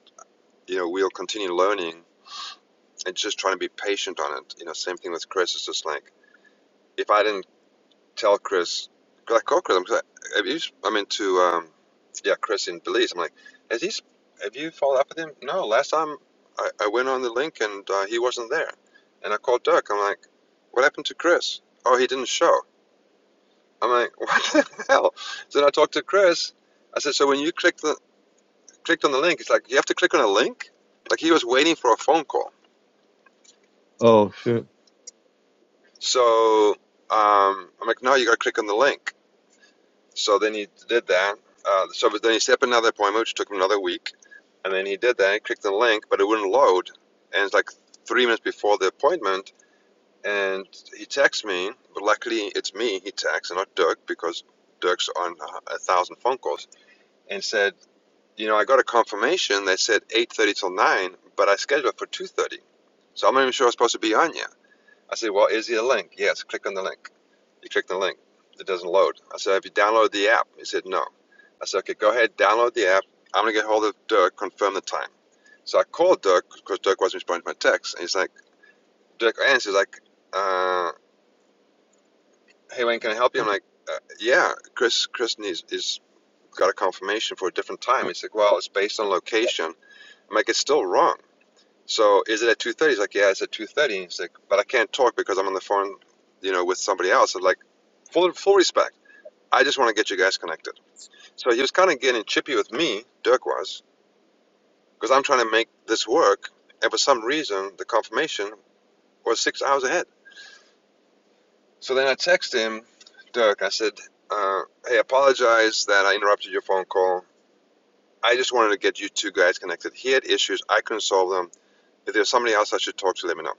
S2: you know we'll continue learning and just trying to be patient on it. You know, same thing with Chris. It's just like if I didn't tell Chris, like call Chris. I'm, like, I mean, to um, yeah, Chris in Belize. I'm like, has he? sp- Have you followed up with him? No. Last time I, I went on the link and uh, he wasn't there, and I called Dirk. I'm like, what happened to Chris? Oh, he didn't show. I'm like, what the hell? So then I talked to Chris. I said, so when you clicked the, clicked on the link, it's like you have to click on a link. Like he was waiting for a phone call.
S3: Oh, shit.
S2: So um, I'm like, no, you got to click on the link. So then he did that. Uh, so then he set up another appointment, which took him another week. And then he did that. He clicked the link, but it wouldn't load. And it's like three minutes before the appointment. And he texts me, but luckily it's me he texts and not Dirk because Dirk's on a thousand phone calls. And said, You know, I got a confirmation that said 8.30 till 9, but I scheduled it for 2.30. So I'm not even sure I was supposed to be on yet. I said, well, is there a link? Yes, click on the link. You click the link. It doesn't load. I said, have you downloaded the app? He said, no. I said, okay, go ahead, download the app. I'm going to get hold of Dirk, confirm the time. So I called Dirk because Dirk wasn't responding to my text. And he's like, Dirk answers like, uh, hey, Wayne, can I help you? I'm like, uh, yeah, Chris, Chris needs, is got a confirmation for a different time. He's like, well, it's based on location. I'm like, it's still wrong. So is it at two thirty? He's like, yeah, it's at two thirty. He's like, but I can't talk because I'm on the phone, you know, with somebody else. I'm like, full full respect. I just want to get you guys connected. So he was kind of getting chippy with me, Dirk was, because I'm trying to make this work, and for some reason the confirmation was six hours ahead. So then I texted him, Dirk. I said, uh, hey, apologize that I interrupted your phone call. I just wanted to get you two guys connected. He had issues. I couldn't solve them. If there's somebody else I should talk to, let me know.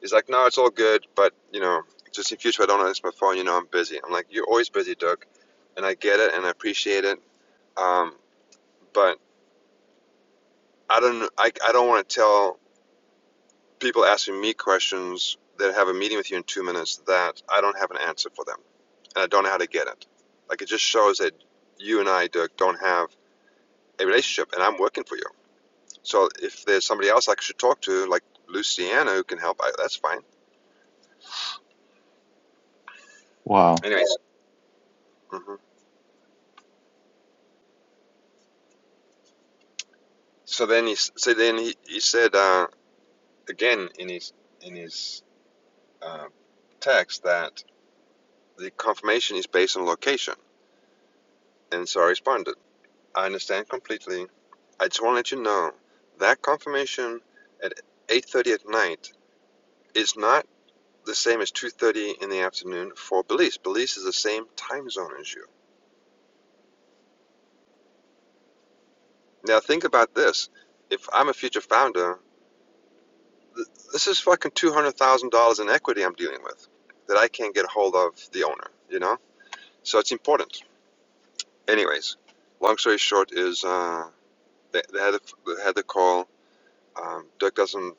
S2: He's like, no, it's all good, but you know, just in future, I don't answer my phone. You know, I'm busy. I'm like, you're always busy, Doug, and I get it and I appreciate it. Um, but I don't, I, I don't want to tell people asking me questions that have a meeting with you in two minutes that I don't have an answer for them and I don't know how to get it. Like it just shows that you and I, Doug, don't have a relationship, and I'm working for you. So if there's somebody else I should talk to, like Luciana, who can help, I, that's fine.
S3: Wow.
S2: Anyways. hmm so then he so then he, he said uh, again in his in his uh, text that the confirmation is based on location. And so I responded, I understand completely. I just want to let you know that confirmation at 8:30 at night is not the same as 2:30 in the afternoon for Belize. Belize is the same time zone as you. Now think about this. If I'm a future founder, th- this is fucking $200,000 in equity I'm dealing with that I can't get a hold of the owner, you know? So it's important. anyways, long story short is uh, they, they had a, they had the call. Um, Dirk doesn't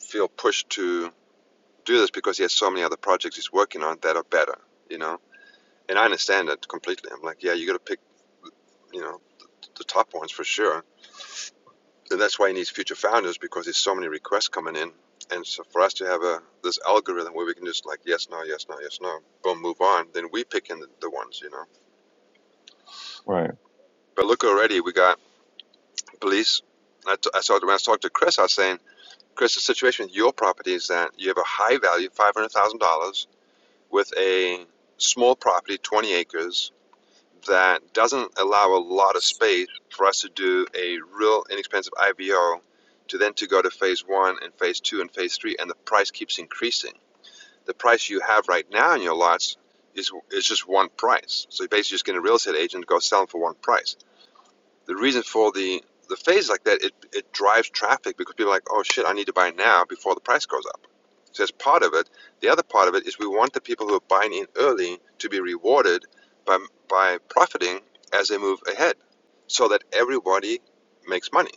S2: feel pushed to do this because he has so many other projects he's working on that are better, you know. And I understand that completely. I'm like, yeah, you got to pick, you know, the top ones for sure. And that's why he needs future founders because there's so many requests coming in. And so for us to have a this algorithm where we can just like yes, no, yes, no, yes, no, boom, move on. Then we pick in the, the ones, you know.
S3: Right.
S2: But look already, we got police. I, t- I saw when I talked to Chris, I was saying Chris, the situation with your property is that you have a high value, $500,000, with a small property, 20 acres, that doesn't allow a lot of space for us to do a real inexpensive IVO to then to go to phase one and phase two and phase three, and the price keeps increasing. The price you have right now in your lots is is just one price. So you're basically just getting a real estate agent to go sell them for one price the reason for the the phase like that, it, it drives traffic because people are like, oh shit, I need to buy now before the price goes up. So that's part of it. The other part of it is we want the people who are buying in early to be rewarded by, by profiting as they move ahead so that everybody makes money.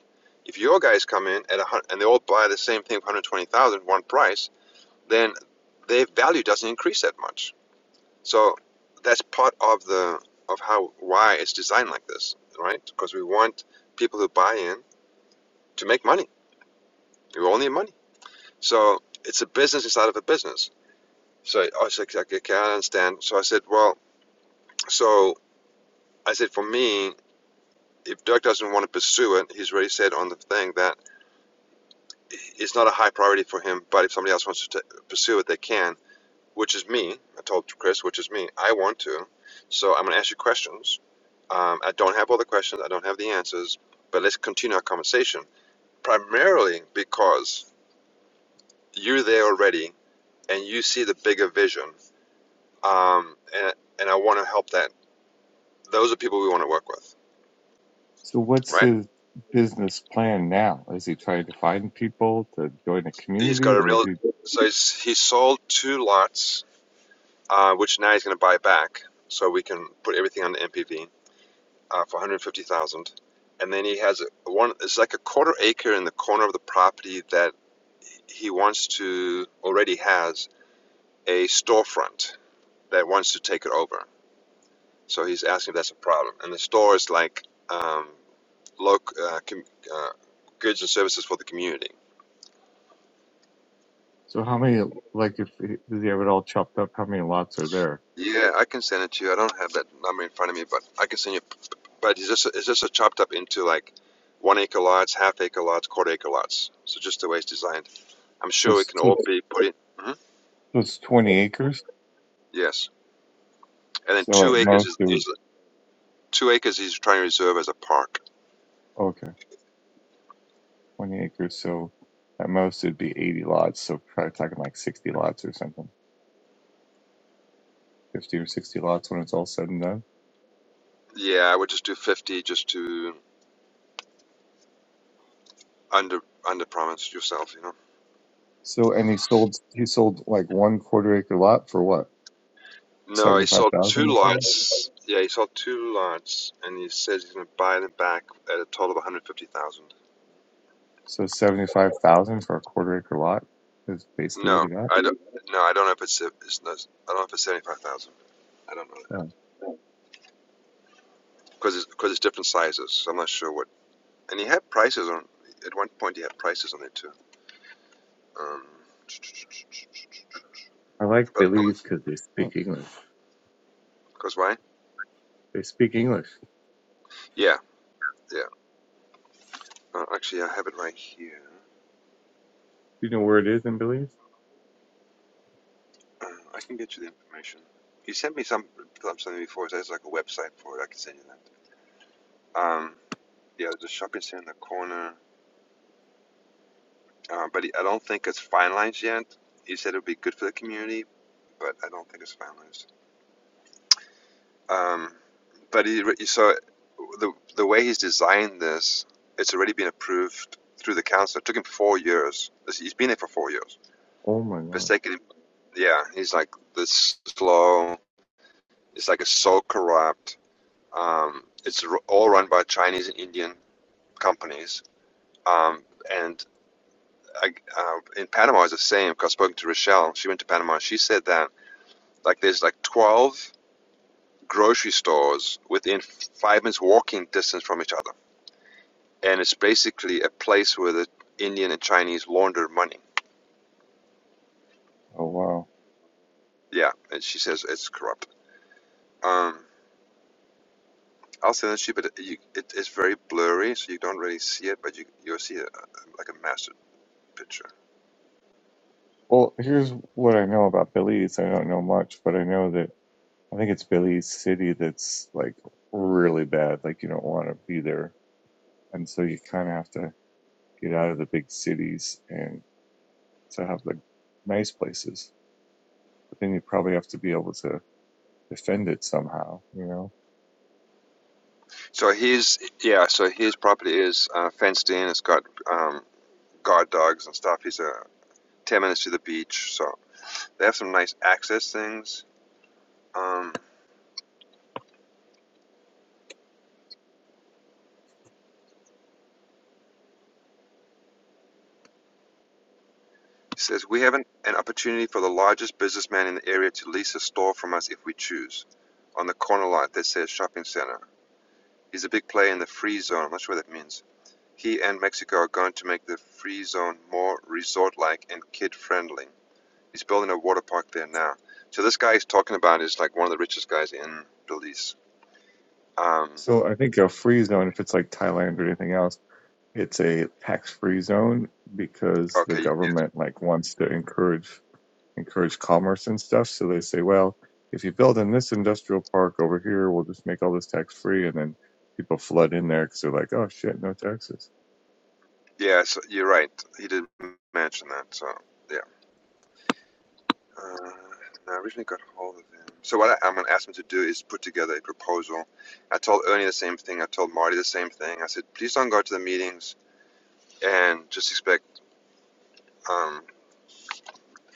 S2: If your guys come in at a hundred, and they all buy the same thing for 120,000, price, then their value doesn't increase that much. So that's part of the of how why it's designed like this, right? Because we want people who buy in to make money. We all need money. So it's a business inside of a business. So I was like, okay, okay, I understand. So I said, well, so I said for me, if Dirk doesn't want to pursue it, he's already said on the thing that it's not a high priority for him. But if somebody else wants to t- pursue it, they can. Which is me. I told Chris, which is me. I want to. So I'm going to ask you questions Um, I don't have all the questions, I don't have the answers, but let's continue our conversation. Primarily because you're there already and you see the bigger vision, um, and, and I want to help that. Those are people we want to work with,
S3: So what's
S2: right?
S3: his business plan now? Is he trying to find people to join a
S2: He's got
S3: community
S2: a
S3: or is
S2: real,
S3: he,
S2: so he's, he sold two lots, uh, which now he's going to buy back, so we can put everything on the MPV uh, for 150,000. And then he has a- one. It's like a quarter acre in the corner of the property that he wants to already has a storefront that wants to take it over. So he's asking if that's a problem. And the store is like um, loc uh, com- uh, goods and services for the community.
S3: so how many, like if, he- does he have it all chopped up? How many lots are there?
S2: Yeah, I can send it to you. I don't have that number in front of me, but I can send you. But it's just it's just chopped up into like one acre lots, half acre lots, quarter acre lots. So just the way it's designed, I'm
S3: So
S2: sure it
S3: it's,
S2: can
S3: so
S2: all
S3: it's,
S2: be put in. hmm
S3: so it's 20 acres.
S2: Yes, and then
S3: So at
S2: two acres
S3: most
S2: is,
S3: it would,
S2: is two acres he's trying to reserve as a park.
S3: okay, 20 acres. So at most it'd be 80 lots. So probably talking like 60 lots or something, 50 or 60 lots when it's all said and done.
S2: Yeah, I would just do fifty, just to under under promise yourself, you know.
S3: So, and he sold, he sold like one quarter acre lot for what?
S2: No, he sold two
S3: 75,000 or something?
S2: lots. Yeah, he sold two lots, and he says he's going to buy them back at a total of one hundred fifty thousand.
S3: So seventy five thousand for a quarter acre lot is basically what
S2: No,
S3: he got.
S2: I don't. No, I don't know if it's, it's no. I don't know if it's seventy five thousand. I don't know
S3: Yeah.
S2: because it's because it's different sizes. So I'm not sure what. And he had prices on. At one point, he had prices on it too. Um,
S3: I like
S2: but
S3: Belize because they speak English.
S2: because why?
S3: They speak English.
S2: Yeah, yeah. Uh, actually, I have it right here.
S3: You know where it is in Belize?
S2: Uh, I can get you the information. You sent me some like, something before. There's like a website for it. I can send you that. Um, yeah, there's a shopping center in the corner, uh, but I don't think it's finalized yet. You said it would be good for the community, but I don't think it's finalized. Um, but he, re- so the the way he's designed this, it's already been approved through the council. It took him four years. He's been there for four years.
S3: Oh my
S2: But it's
S3: god.
S2: taken, him- yeah, he's like this slow. It's like it's so corrupt Um, it's all run by Chinese and Indian companies. Um, and I, uh, in Panama, it's the same. Because 'cause I've spoken to Rochelle. She went to Panama. She said that like there's like 12 grocery stores within five minutes walking distance from each other, and it's basically a place where the Indian and Chinese launder money.
S3: Oh wow.
S2: Yeah, and she says it's corrupt. Um, I'll send it to you, but you, it, it's very blurry, so you don't really see it, but you you'll see a, a, like a massive picture.
S3: Well, here's what I know about Belize. I don't know much, but I know that I think it's Belize City that's like really bad. Like you don't want to be there, and so you kind of have to get out of the big cities and to have the nice places. But then you probably have to be able to defend it somehow. You know
S2: So his yeah, so his property is uh, fenced in. It's got um, guard dogs and stuff. He's uh, ten minutes to the beach, so they have some nice access things. Um, he says we have an, an opportunity for the largest businessman in the area to lease a store from us if we choose, on the corner lot that says shopping center. He's a big player in the free zone. I'm not sure what that means. He and Mexico are going to make the free zone more resort-like and kid-friendly. He's building a water park there now. So this guy he's talking about is like one of the richest guys in Belize. Um,
S3: So I think a free zone, if it's like Thailand or anything else, it's a tax-free zone because the
S2: okay, yes,
S3: government like wants to encourage encourage commerce and stuff. So they say, well, if you build in this industrial park over here, we'll just make all this tax-free, and then people flood in there because they're like, oh shit, no taxes.
S2: yeah, so you're right. He did mention that. So yeah, uh, I originally got hold of him. So what I, I'm going to ask him to do is put together a proposal. I told Ernie the same thing. I told Marty the same thing. I said, please don't go to the meetings and just expect. Um,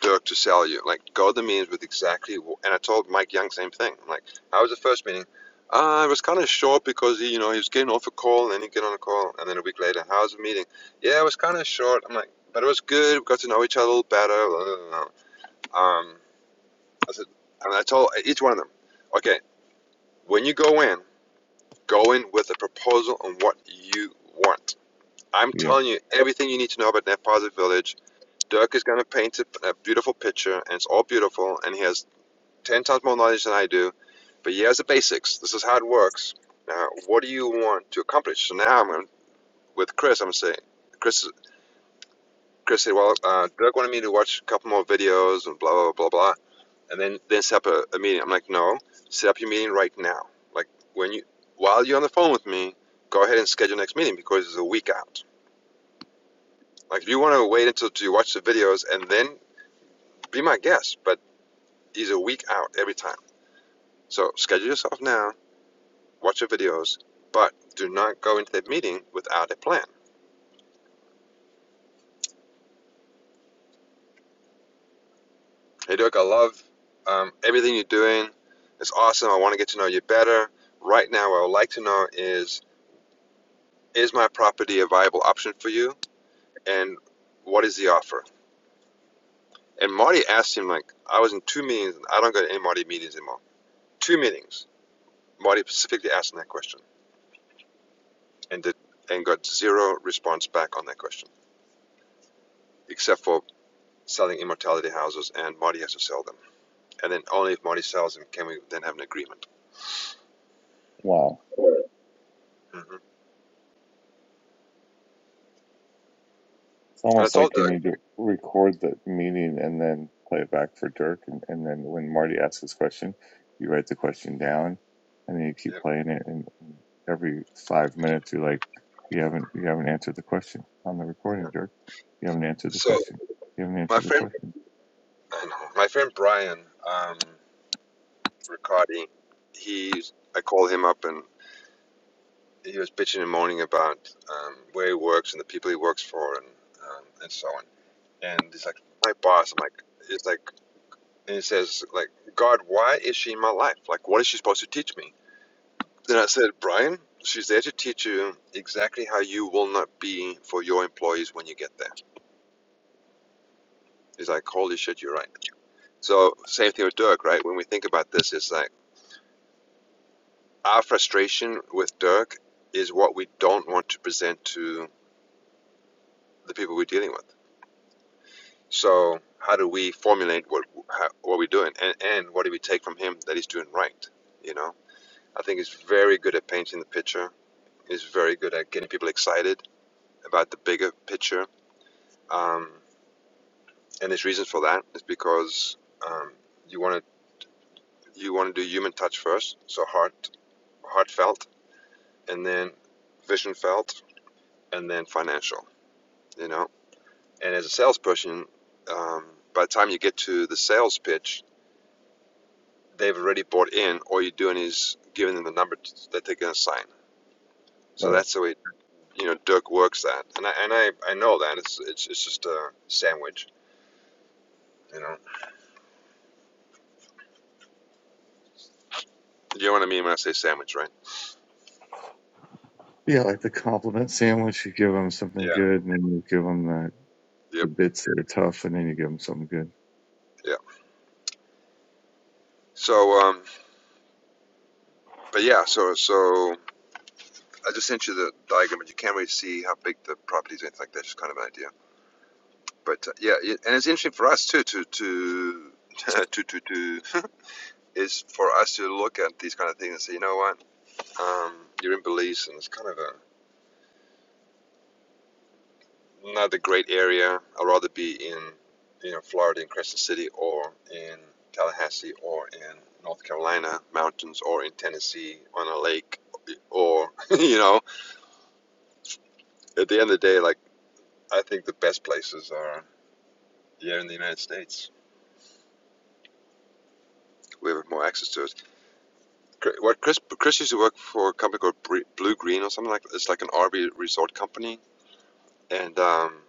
S2: Dirk to sell you. Like, go to the meetings with exactly. And I told Mike Young same thing. I'm like, how was the first meeting? Uh, it was kind of short because he, you know, he was getting off a call and then he get on a call, and then a week later, how's the meeting? Yeah, it was kind of short. I'm like, but it was good. We got to know each other a little better. blah, blah. blah." Um, I said, and I told e-, each one of them, okay, when you go in, go in with a proposal on what you want. I'm
S3: Yeah,
S2: telling you everything you need to know about Net Positive Village. Dirk is going to paint a, a beautiful picture, and it's all beautiful, and he has ten times more knowledge than I do, but he has the basics. This is how it works. Now, what do you want to accomplish? So now I'm going with Chris. I'm saying, Chris, Chris said, well, uh, Doug wanted me to watch a couple more videos and blah blah blah blah, and then then set up a, a meeting. I'm like, no, set up your meeting right now. Like when you while you're on the phone with me, go ahead and schedule your next meeting because it's a week out. Like if you want to wait until you watch the videos and then be my guest, but he's a week out every time. So schedule yourself now watch the videos, but do not go into that meeting without a plan. Hey, Dirk, I love um, everything you're doing. It's awesome. I want to get to know you better. Right now, what I would like to know is is my property a viable option for you? And what is the offer? And Marty asked him, like, I was in two meetings, and I don't go to any Marty meetings anymore. Two meetings. Marty specifically asked him that question and did, and got zero response back on that question, except for selling immortality houses, and Marty has to sell them. and then only if Marty sells him can we then have an agreement.
S3: wow.
S2: hmm
S3: It's
S2: And I
S3: almost
S2: told
S3: like you
S2: Doug.
S3: need to record the meeting and then play it back for Dirk. And, and then when Marty asks his question, you write the question down and then you
S2: Yeah,
S3: keep playing it. And every five minutes, you're like, you haven't, you haven't answered the question on the
S2: yeah.
S3: recording, Dirk. You haven't answered the
S2: So
S3: question. You haven't
S2: my
S3: answered the
S2: friend,
S3: question.
S2: I know my friend Brian um, Riccardi. He, I called him up and he was bitching and moaning about um, where he works and the people he works for and um, and so on. And he's like, my boss. I'm like, he's like, and he says like, God, why is she in my life? Like, what is she supposed to teach me? Then I said, Brian, she's there to teach you exactly how you will not be for your employees when you get there It's like, holy shit, you're right. So, same thing with Dirk, right? When we think about this, it's like our frustration with Dirk is what we don't want to present to the people we're dealing with. So, how do we formulate what how, what we're doing, and and what do we take from him that he's doing right? You know, I think he's very good at painting the picture. He's very good at getting people excited about the bigger picture. Um, and his reasons for that is because um, you want to you want to do human touch first, so heart heartfelt and then vision felt, and then financial, you know. And as a salesperson, um, by the time you get to the sales pitch, they've already bought in. All you're doing is giving them the number that they're going to sign. So
S3: Right.
S2: that's the way you know Dirk works that, and I and I, I know that it's it's it's just a sandwich, you know. You know what I mean when I say sandwich, right?
S3: Yeah. Like the compliment sandwich, you give them
S2: Yeah.
S3: something good and then you give them the, the
S2: Yep.
S3: bits that are tough and then you give them something good.
S2: Yeah. So um, but yeah, so so I just sent you the diagram, but you can't really see how big the property is, or anything like that. Just kind of an idea. but uh, yeah, it, and it's interesting for us too to to to to, to is for us to look at these kind of things and say, you know what, um, you're in Belize, and it's kind of a not a great area. I'd rather be in you know Florida in Crescent City or in Tallahassee or in North Carolina mountains or in Tennessee on a lake or you know at the end of the day, like I think the best places are here in the United States. We have more access to it. What Chris Chris used to work for a company called Blue Green or something like that. it's like an RV resort company and um,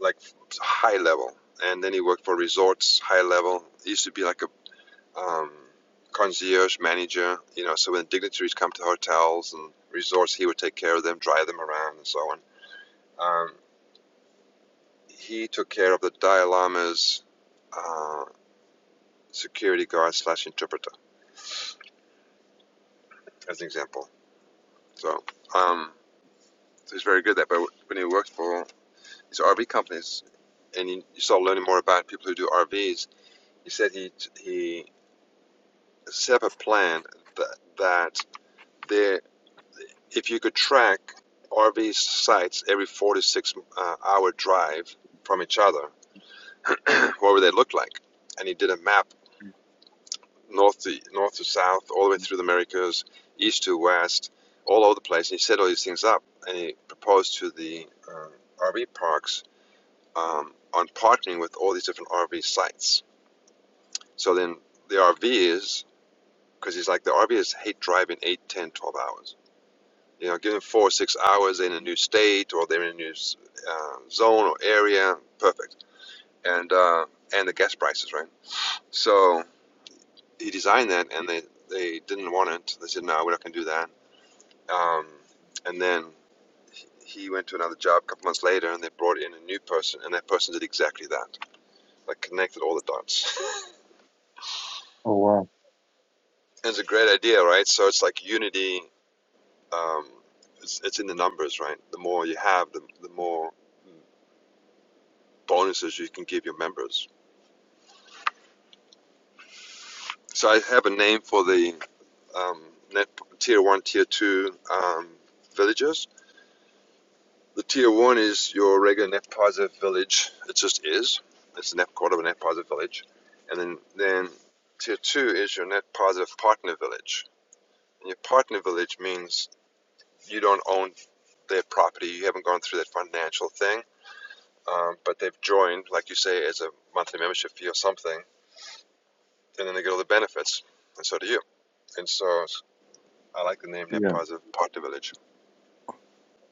S2: like high level. And then he worked for resorts high level. He used to be like a um, concierge manager, you know. So when dignitaries come to hotels and resorts, he would take care of them, drive them around, and so on. Um, he took care of the Dalai Lama's uh, security guard slash interpreter, as an example. So um, so he's very good at that. But when he worked for these RV companies, and you you start learning more about people who do RVs. He said he he set up a plan that that there, if you could track RV sites every four to six uh, hour drive from each other, what would they look like? And he did a map north to north to south, all the way through the Americas, east to west, all over the place. And he set all these things up, and he proposed to the uh, RV parks um, on partnering with all these different RV sites So then the RVs, because he's like, the RVs hate driving 8, 10, 12 hours. You know, give them four or six hours in a new state or they're in a new uh, zone or area, perfect. And uh, and the gas prices, right? So he designed that and they, they didn't want it. They said, no, we're not going to do that. Um, and then he he went to another job a couple months later and they brought in a new person and that person did exactly that like connected all the dots
S3: Oh, wow.
S2: And it's a great idea right so it's like unity Um, it's, it's in the numbers, right? The more you have, the, the more bonuses you can give your members. So I have a name for the um, net tier one, tier two um, villages. The tier one is your regular net positive village. It just is. It's a net quarter of a net positive village, and then then tier two is your net positive partner village. And your partner village means you don't own their property. You haven't gone through that financial thing um, but they've joined, like you say, as a monthly membership fee or something, and then they get all the benefits, and so do you. And so I like the name Net
S3: Yeah.
S2: Positive Partner Village.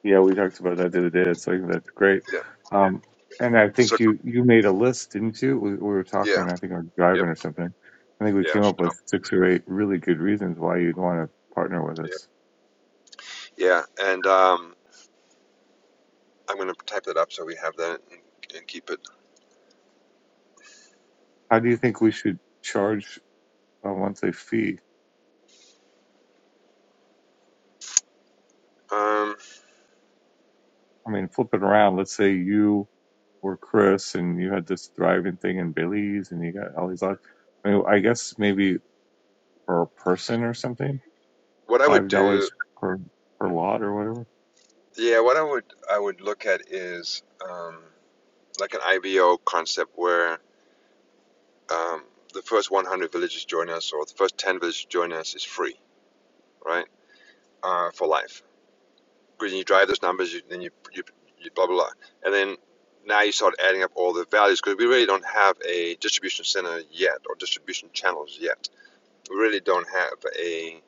S3: Yeah, we talked about that the other day. It's like that's great.
S2: Yeah.
S3: Um, and I
S2: So
S3: think you you made a list, didn't you? We, we were talking.
S2: yeah.
S3: I think we were
S2: Yep.
S3: driving or something. I think we
S2: Yeah.
S3: came up
S2: um,
S3: with six or eight really good reasons why you'd want to partner with
S2: yep.
S3: us.
S2: Yeah. And um, I'm going to type that up so we have that and, and keep it.
S3: How do you think we should charge a monthly fee?
S2: Um,
S3: I mean, flip it around. Let's say you were Chris and you had this thriving thing in Billy's and you got all these lots. I mean, I guess maybe per person or something,
S2: what I would
S3: five
S2: do,
S3: dollars per per lot or whatever.
S2: yeah, what I would I would look at is um, like an IVO concept where um, the first 100 villages join us or the first 10 villages join us is free, right? Uh, for life because you drive those numbers, you, then you, you, you blah, blah, blah. And then now you start adding up all the values because we really don't have a distribution center yet or distribution channels yet. We really don't have a,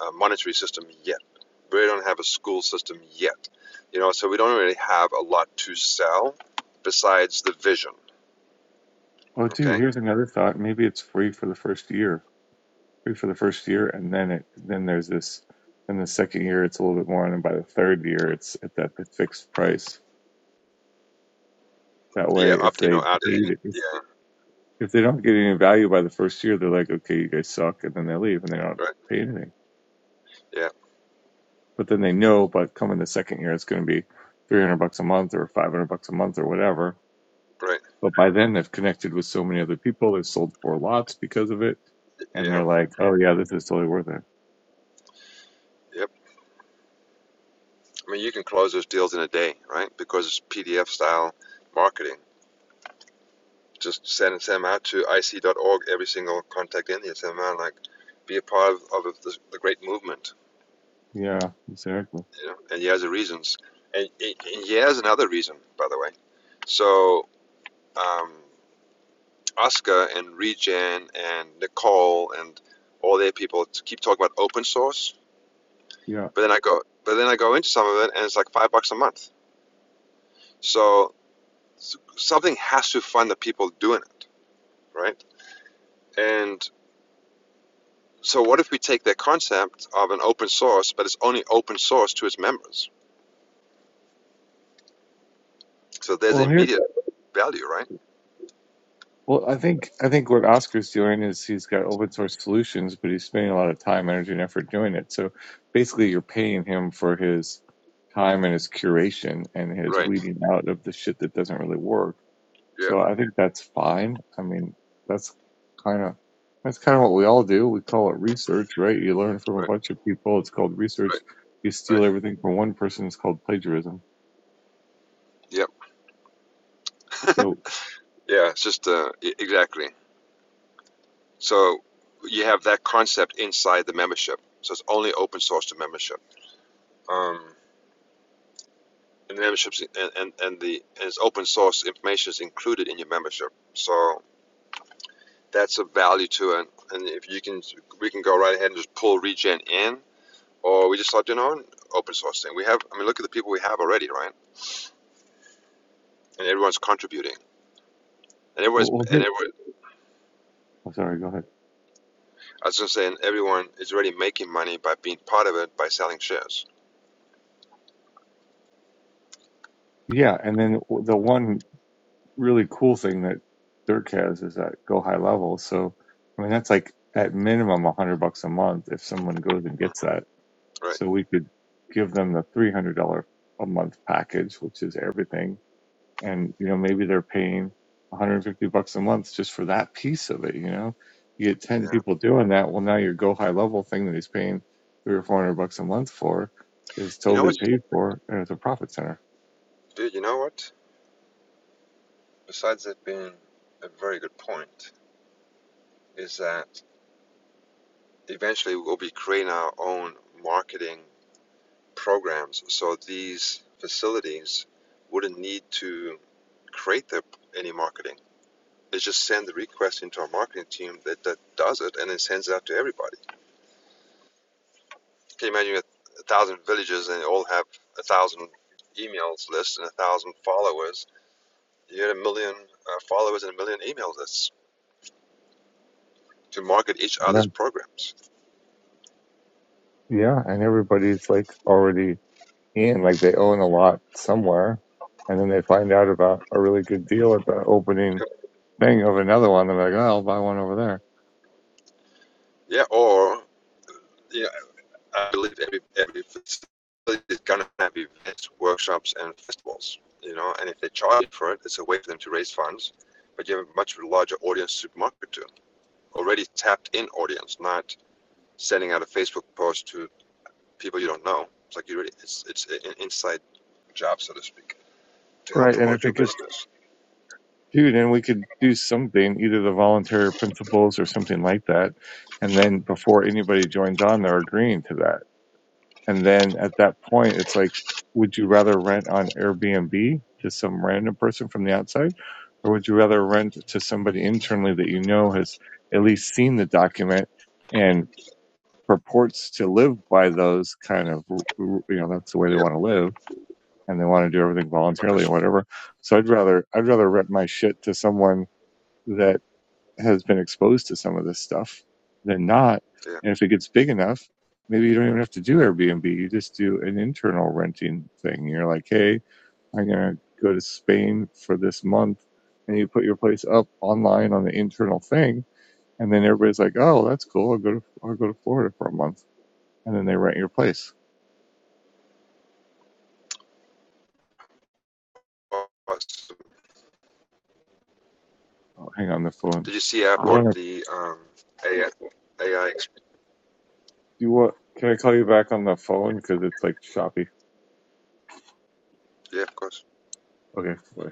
S2: uh monetary system yet. We really don't have a school system yet. You know, so we don't really have a lot to sell besides the vision.
S3: Oh, dude,
S2: Okay.
S3: here's another thought. Maybe it's free for the first year, free for the first year, and then it then there's this. Then the second year, it's a little bit more, and then by the third year, it's at that fixed price. That way,
S2: Yeah.
S3: if
S2: Opt in
S3: they
S2: or out. in.
S3: hate it- if,
S2: Yeah.
S3: if they don't get any value by the first year, they're like, okay, you guys suck, and then they leave and they don't
S2: Right.
S3: pay anything.
S2: Yeah.
S3: But then they know, but coming the second year, it's going to be three hundred bucks a month or five hundred bucks a month or whatever.
S2: Right.
S3: But by then, they've connected with so many other people. They've sold four lots because of it, and
S2: Yeah.
S3: they're like, oh yeah, this is totally worth it.
S2: Yep. I mean, you can close those deals in a day, right? Because it's PDF style marketing just send them out to ic.org, every single contact in here. Send them out, like, be a part of, of the, the great movement,
S3: Yeah, exactly.
S2: you know, and he has the reasons. And, and he has another reason, by the way. So, um, Oscar and Regen and Nicole and all their people t- keep talking about open source,
S3: Yeah.
S2: but then I go, but then I go into some of it and it's like five bucks a month. So, something has to fund the people doing it, right? And So what if we take that concept of an open source, but it's only open source to its members? So there's
S3: Well, here,
S2: immediate value, right?
S3: well, I think I think what Oscar's doing is he's got open source solutions, but he's spending a lot of time, energy, and effort doing it. So basically, you're paying him for his time and his curation and his
S2: Right.
S3: weeding out of the shit that doesn't really work.
S2: Yeah.
S3: So I think that's fine. I mean, that's kind of that's kind of what we all do. We call it research, right? You learn from a
S2: Right.
S3: bunch of people. It's called
S2: Right.
S3: research. You
S2: Right.
S3: steal everything from one person. It's called plagiarism.
S2: Yep.
S3: So,
S2: Yeah. It's just uh, e- exactly. So you have that concept inside the membership. So it's only open source to membership. Um, and the memberships and, and, and the and it's open source information is included in your membership. So that's a value to it. And if you can, we can go right ahead and just pull regen in or we just start doing our own open source thing. We have, I mean, look at the people we have already, right? And everyone's contributing, and everyone's,
S3: well, well
S2: and
S3: here,
S2: everyone,
S3: oh, sorry, go ahead.
S2: I was gonna say, and everyone is already making money by being part of it by selling shares,
S3: Yeah, and then the one really cool thing that Dirk has is that go high level. So, I mean, that's like at minimum a hundred bucks a month if someone goes and gets that.
S2: right?
S3: So we could give them the three hundred dollar a month package, which is everything, and you know maybe they're paying one hundred and fifty bucks a month just for that piece of it. You know, you get
S2: Yeah.
S3: ten people doing that. Well, now your go high level thing that he's paying three or four hundred bucks a month for is
S2: You know
S3: totally
S2: what,
S3: paid for, and it's a profit center.
S2: dude? You know what? Besides it being a very good point, is that eventually we'll be creating our own marketing programs, so these facilities wouldn't need to create their any marketing They just send the request into our marketing team that, that does it and then sends it out to everybody. Can you imagine a, a thousand villages and they all have a thousand emails lists and a thousand followers? You had a million uh, followers and a million email lists to market each other's programs.
S3: Yeah, and everybody's like already in, like they own a lot somewhere, and then they find out about a really good deal at the opening thing of another one. They're like, "Oh, I'll buy one over there."
S2: Yeah, or yeah, I believe every every facility is gonna have events, workshops, and festivals. You know, and if they charge for it, it's a way for them to raise funds. But you have a much larger audience to market to. Already tapped in audience, not sending out a Facebook post to people you don't know. It's like you really, it's it's an inside job, so to speak, to help
S3: Right, and
S2: promote
S3: if
S2: your
S3: it gets
S2: business.
S3: dude, and we could do something, either the voluntary principles or something like that, and then before anybody joins on, they're agreeing to that. And then at that point, it's like, would you rather rent on Airbnb to some random person from the outside? Or would you rather rent to somebody internally that you know has at least seen the document and purports to live by those kind of, you know, that's the way they
S2: Yeah,
S3: want to live and they want to do everything
S2: I
S3: voluntarily or
S2: push-
S3: whatever. So I'd rather, I'd rather rent my shit to someone that has been exposed to some of this stuff than not.
S2: yeah.
S3: And if it gets big enough, maybe you don't even have to do Airbnb. You just do an internal renting thing. You're like, hey, I'm going to go to Spain for this month. And you put your place up online on the internal thing. And then everybody's like, oh, that's cool. I'll go to, I'll go to Florida for a month. And then they rent your place.
S2: Awesome.
S3: Oh, hang on the phone.
S2: Did you see I
S3: You want
S2: bought
S3: to,
S2: the um, AI? AI,
S3: you want, can I call you back on the phone? Cause it's like choppy.
S2: yeah, of course.
S3: Okay. Bye.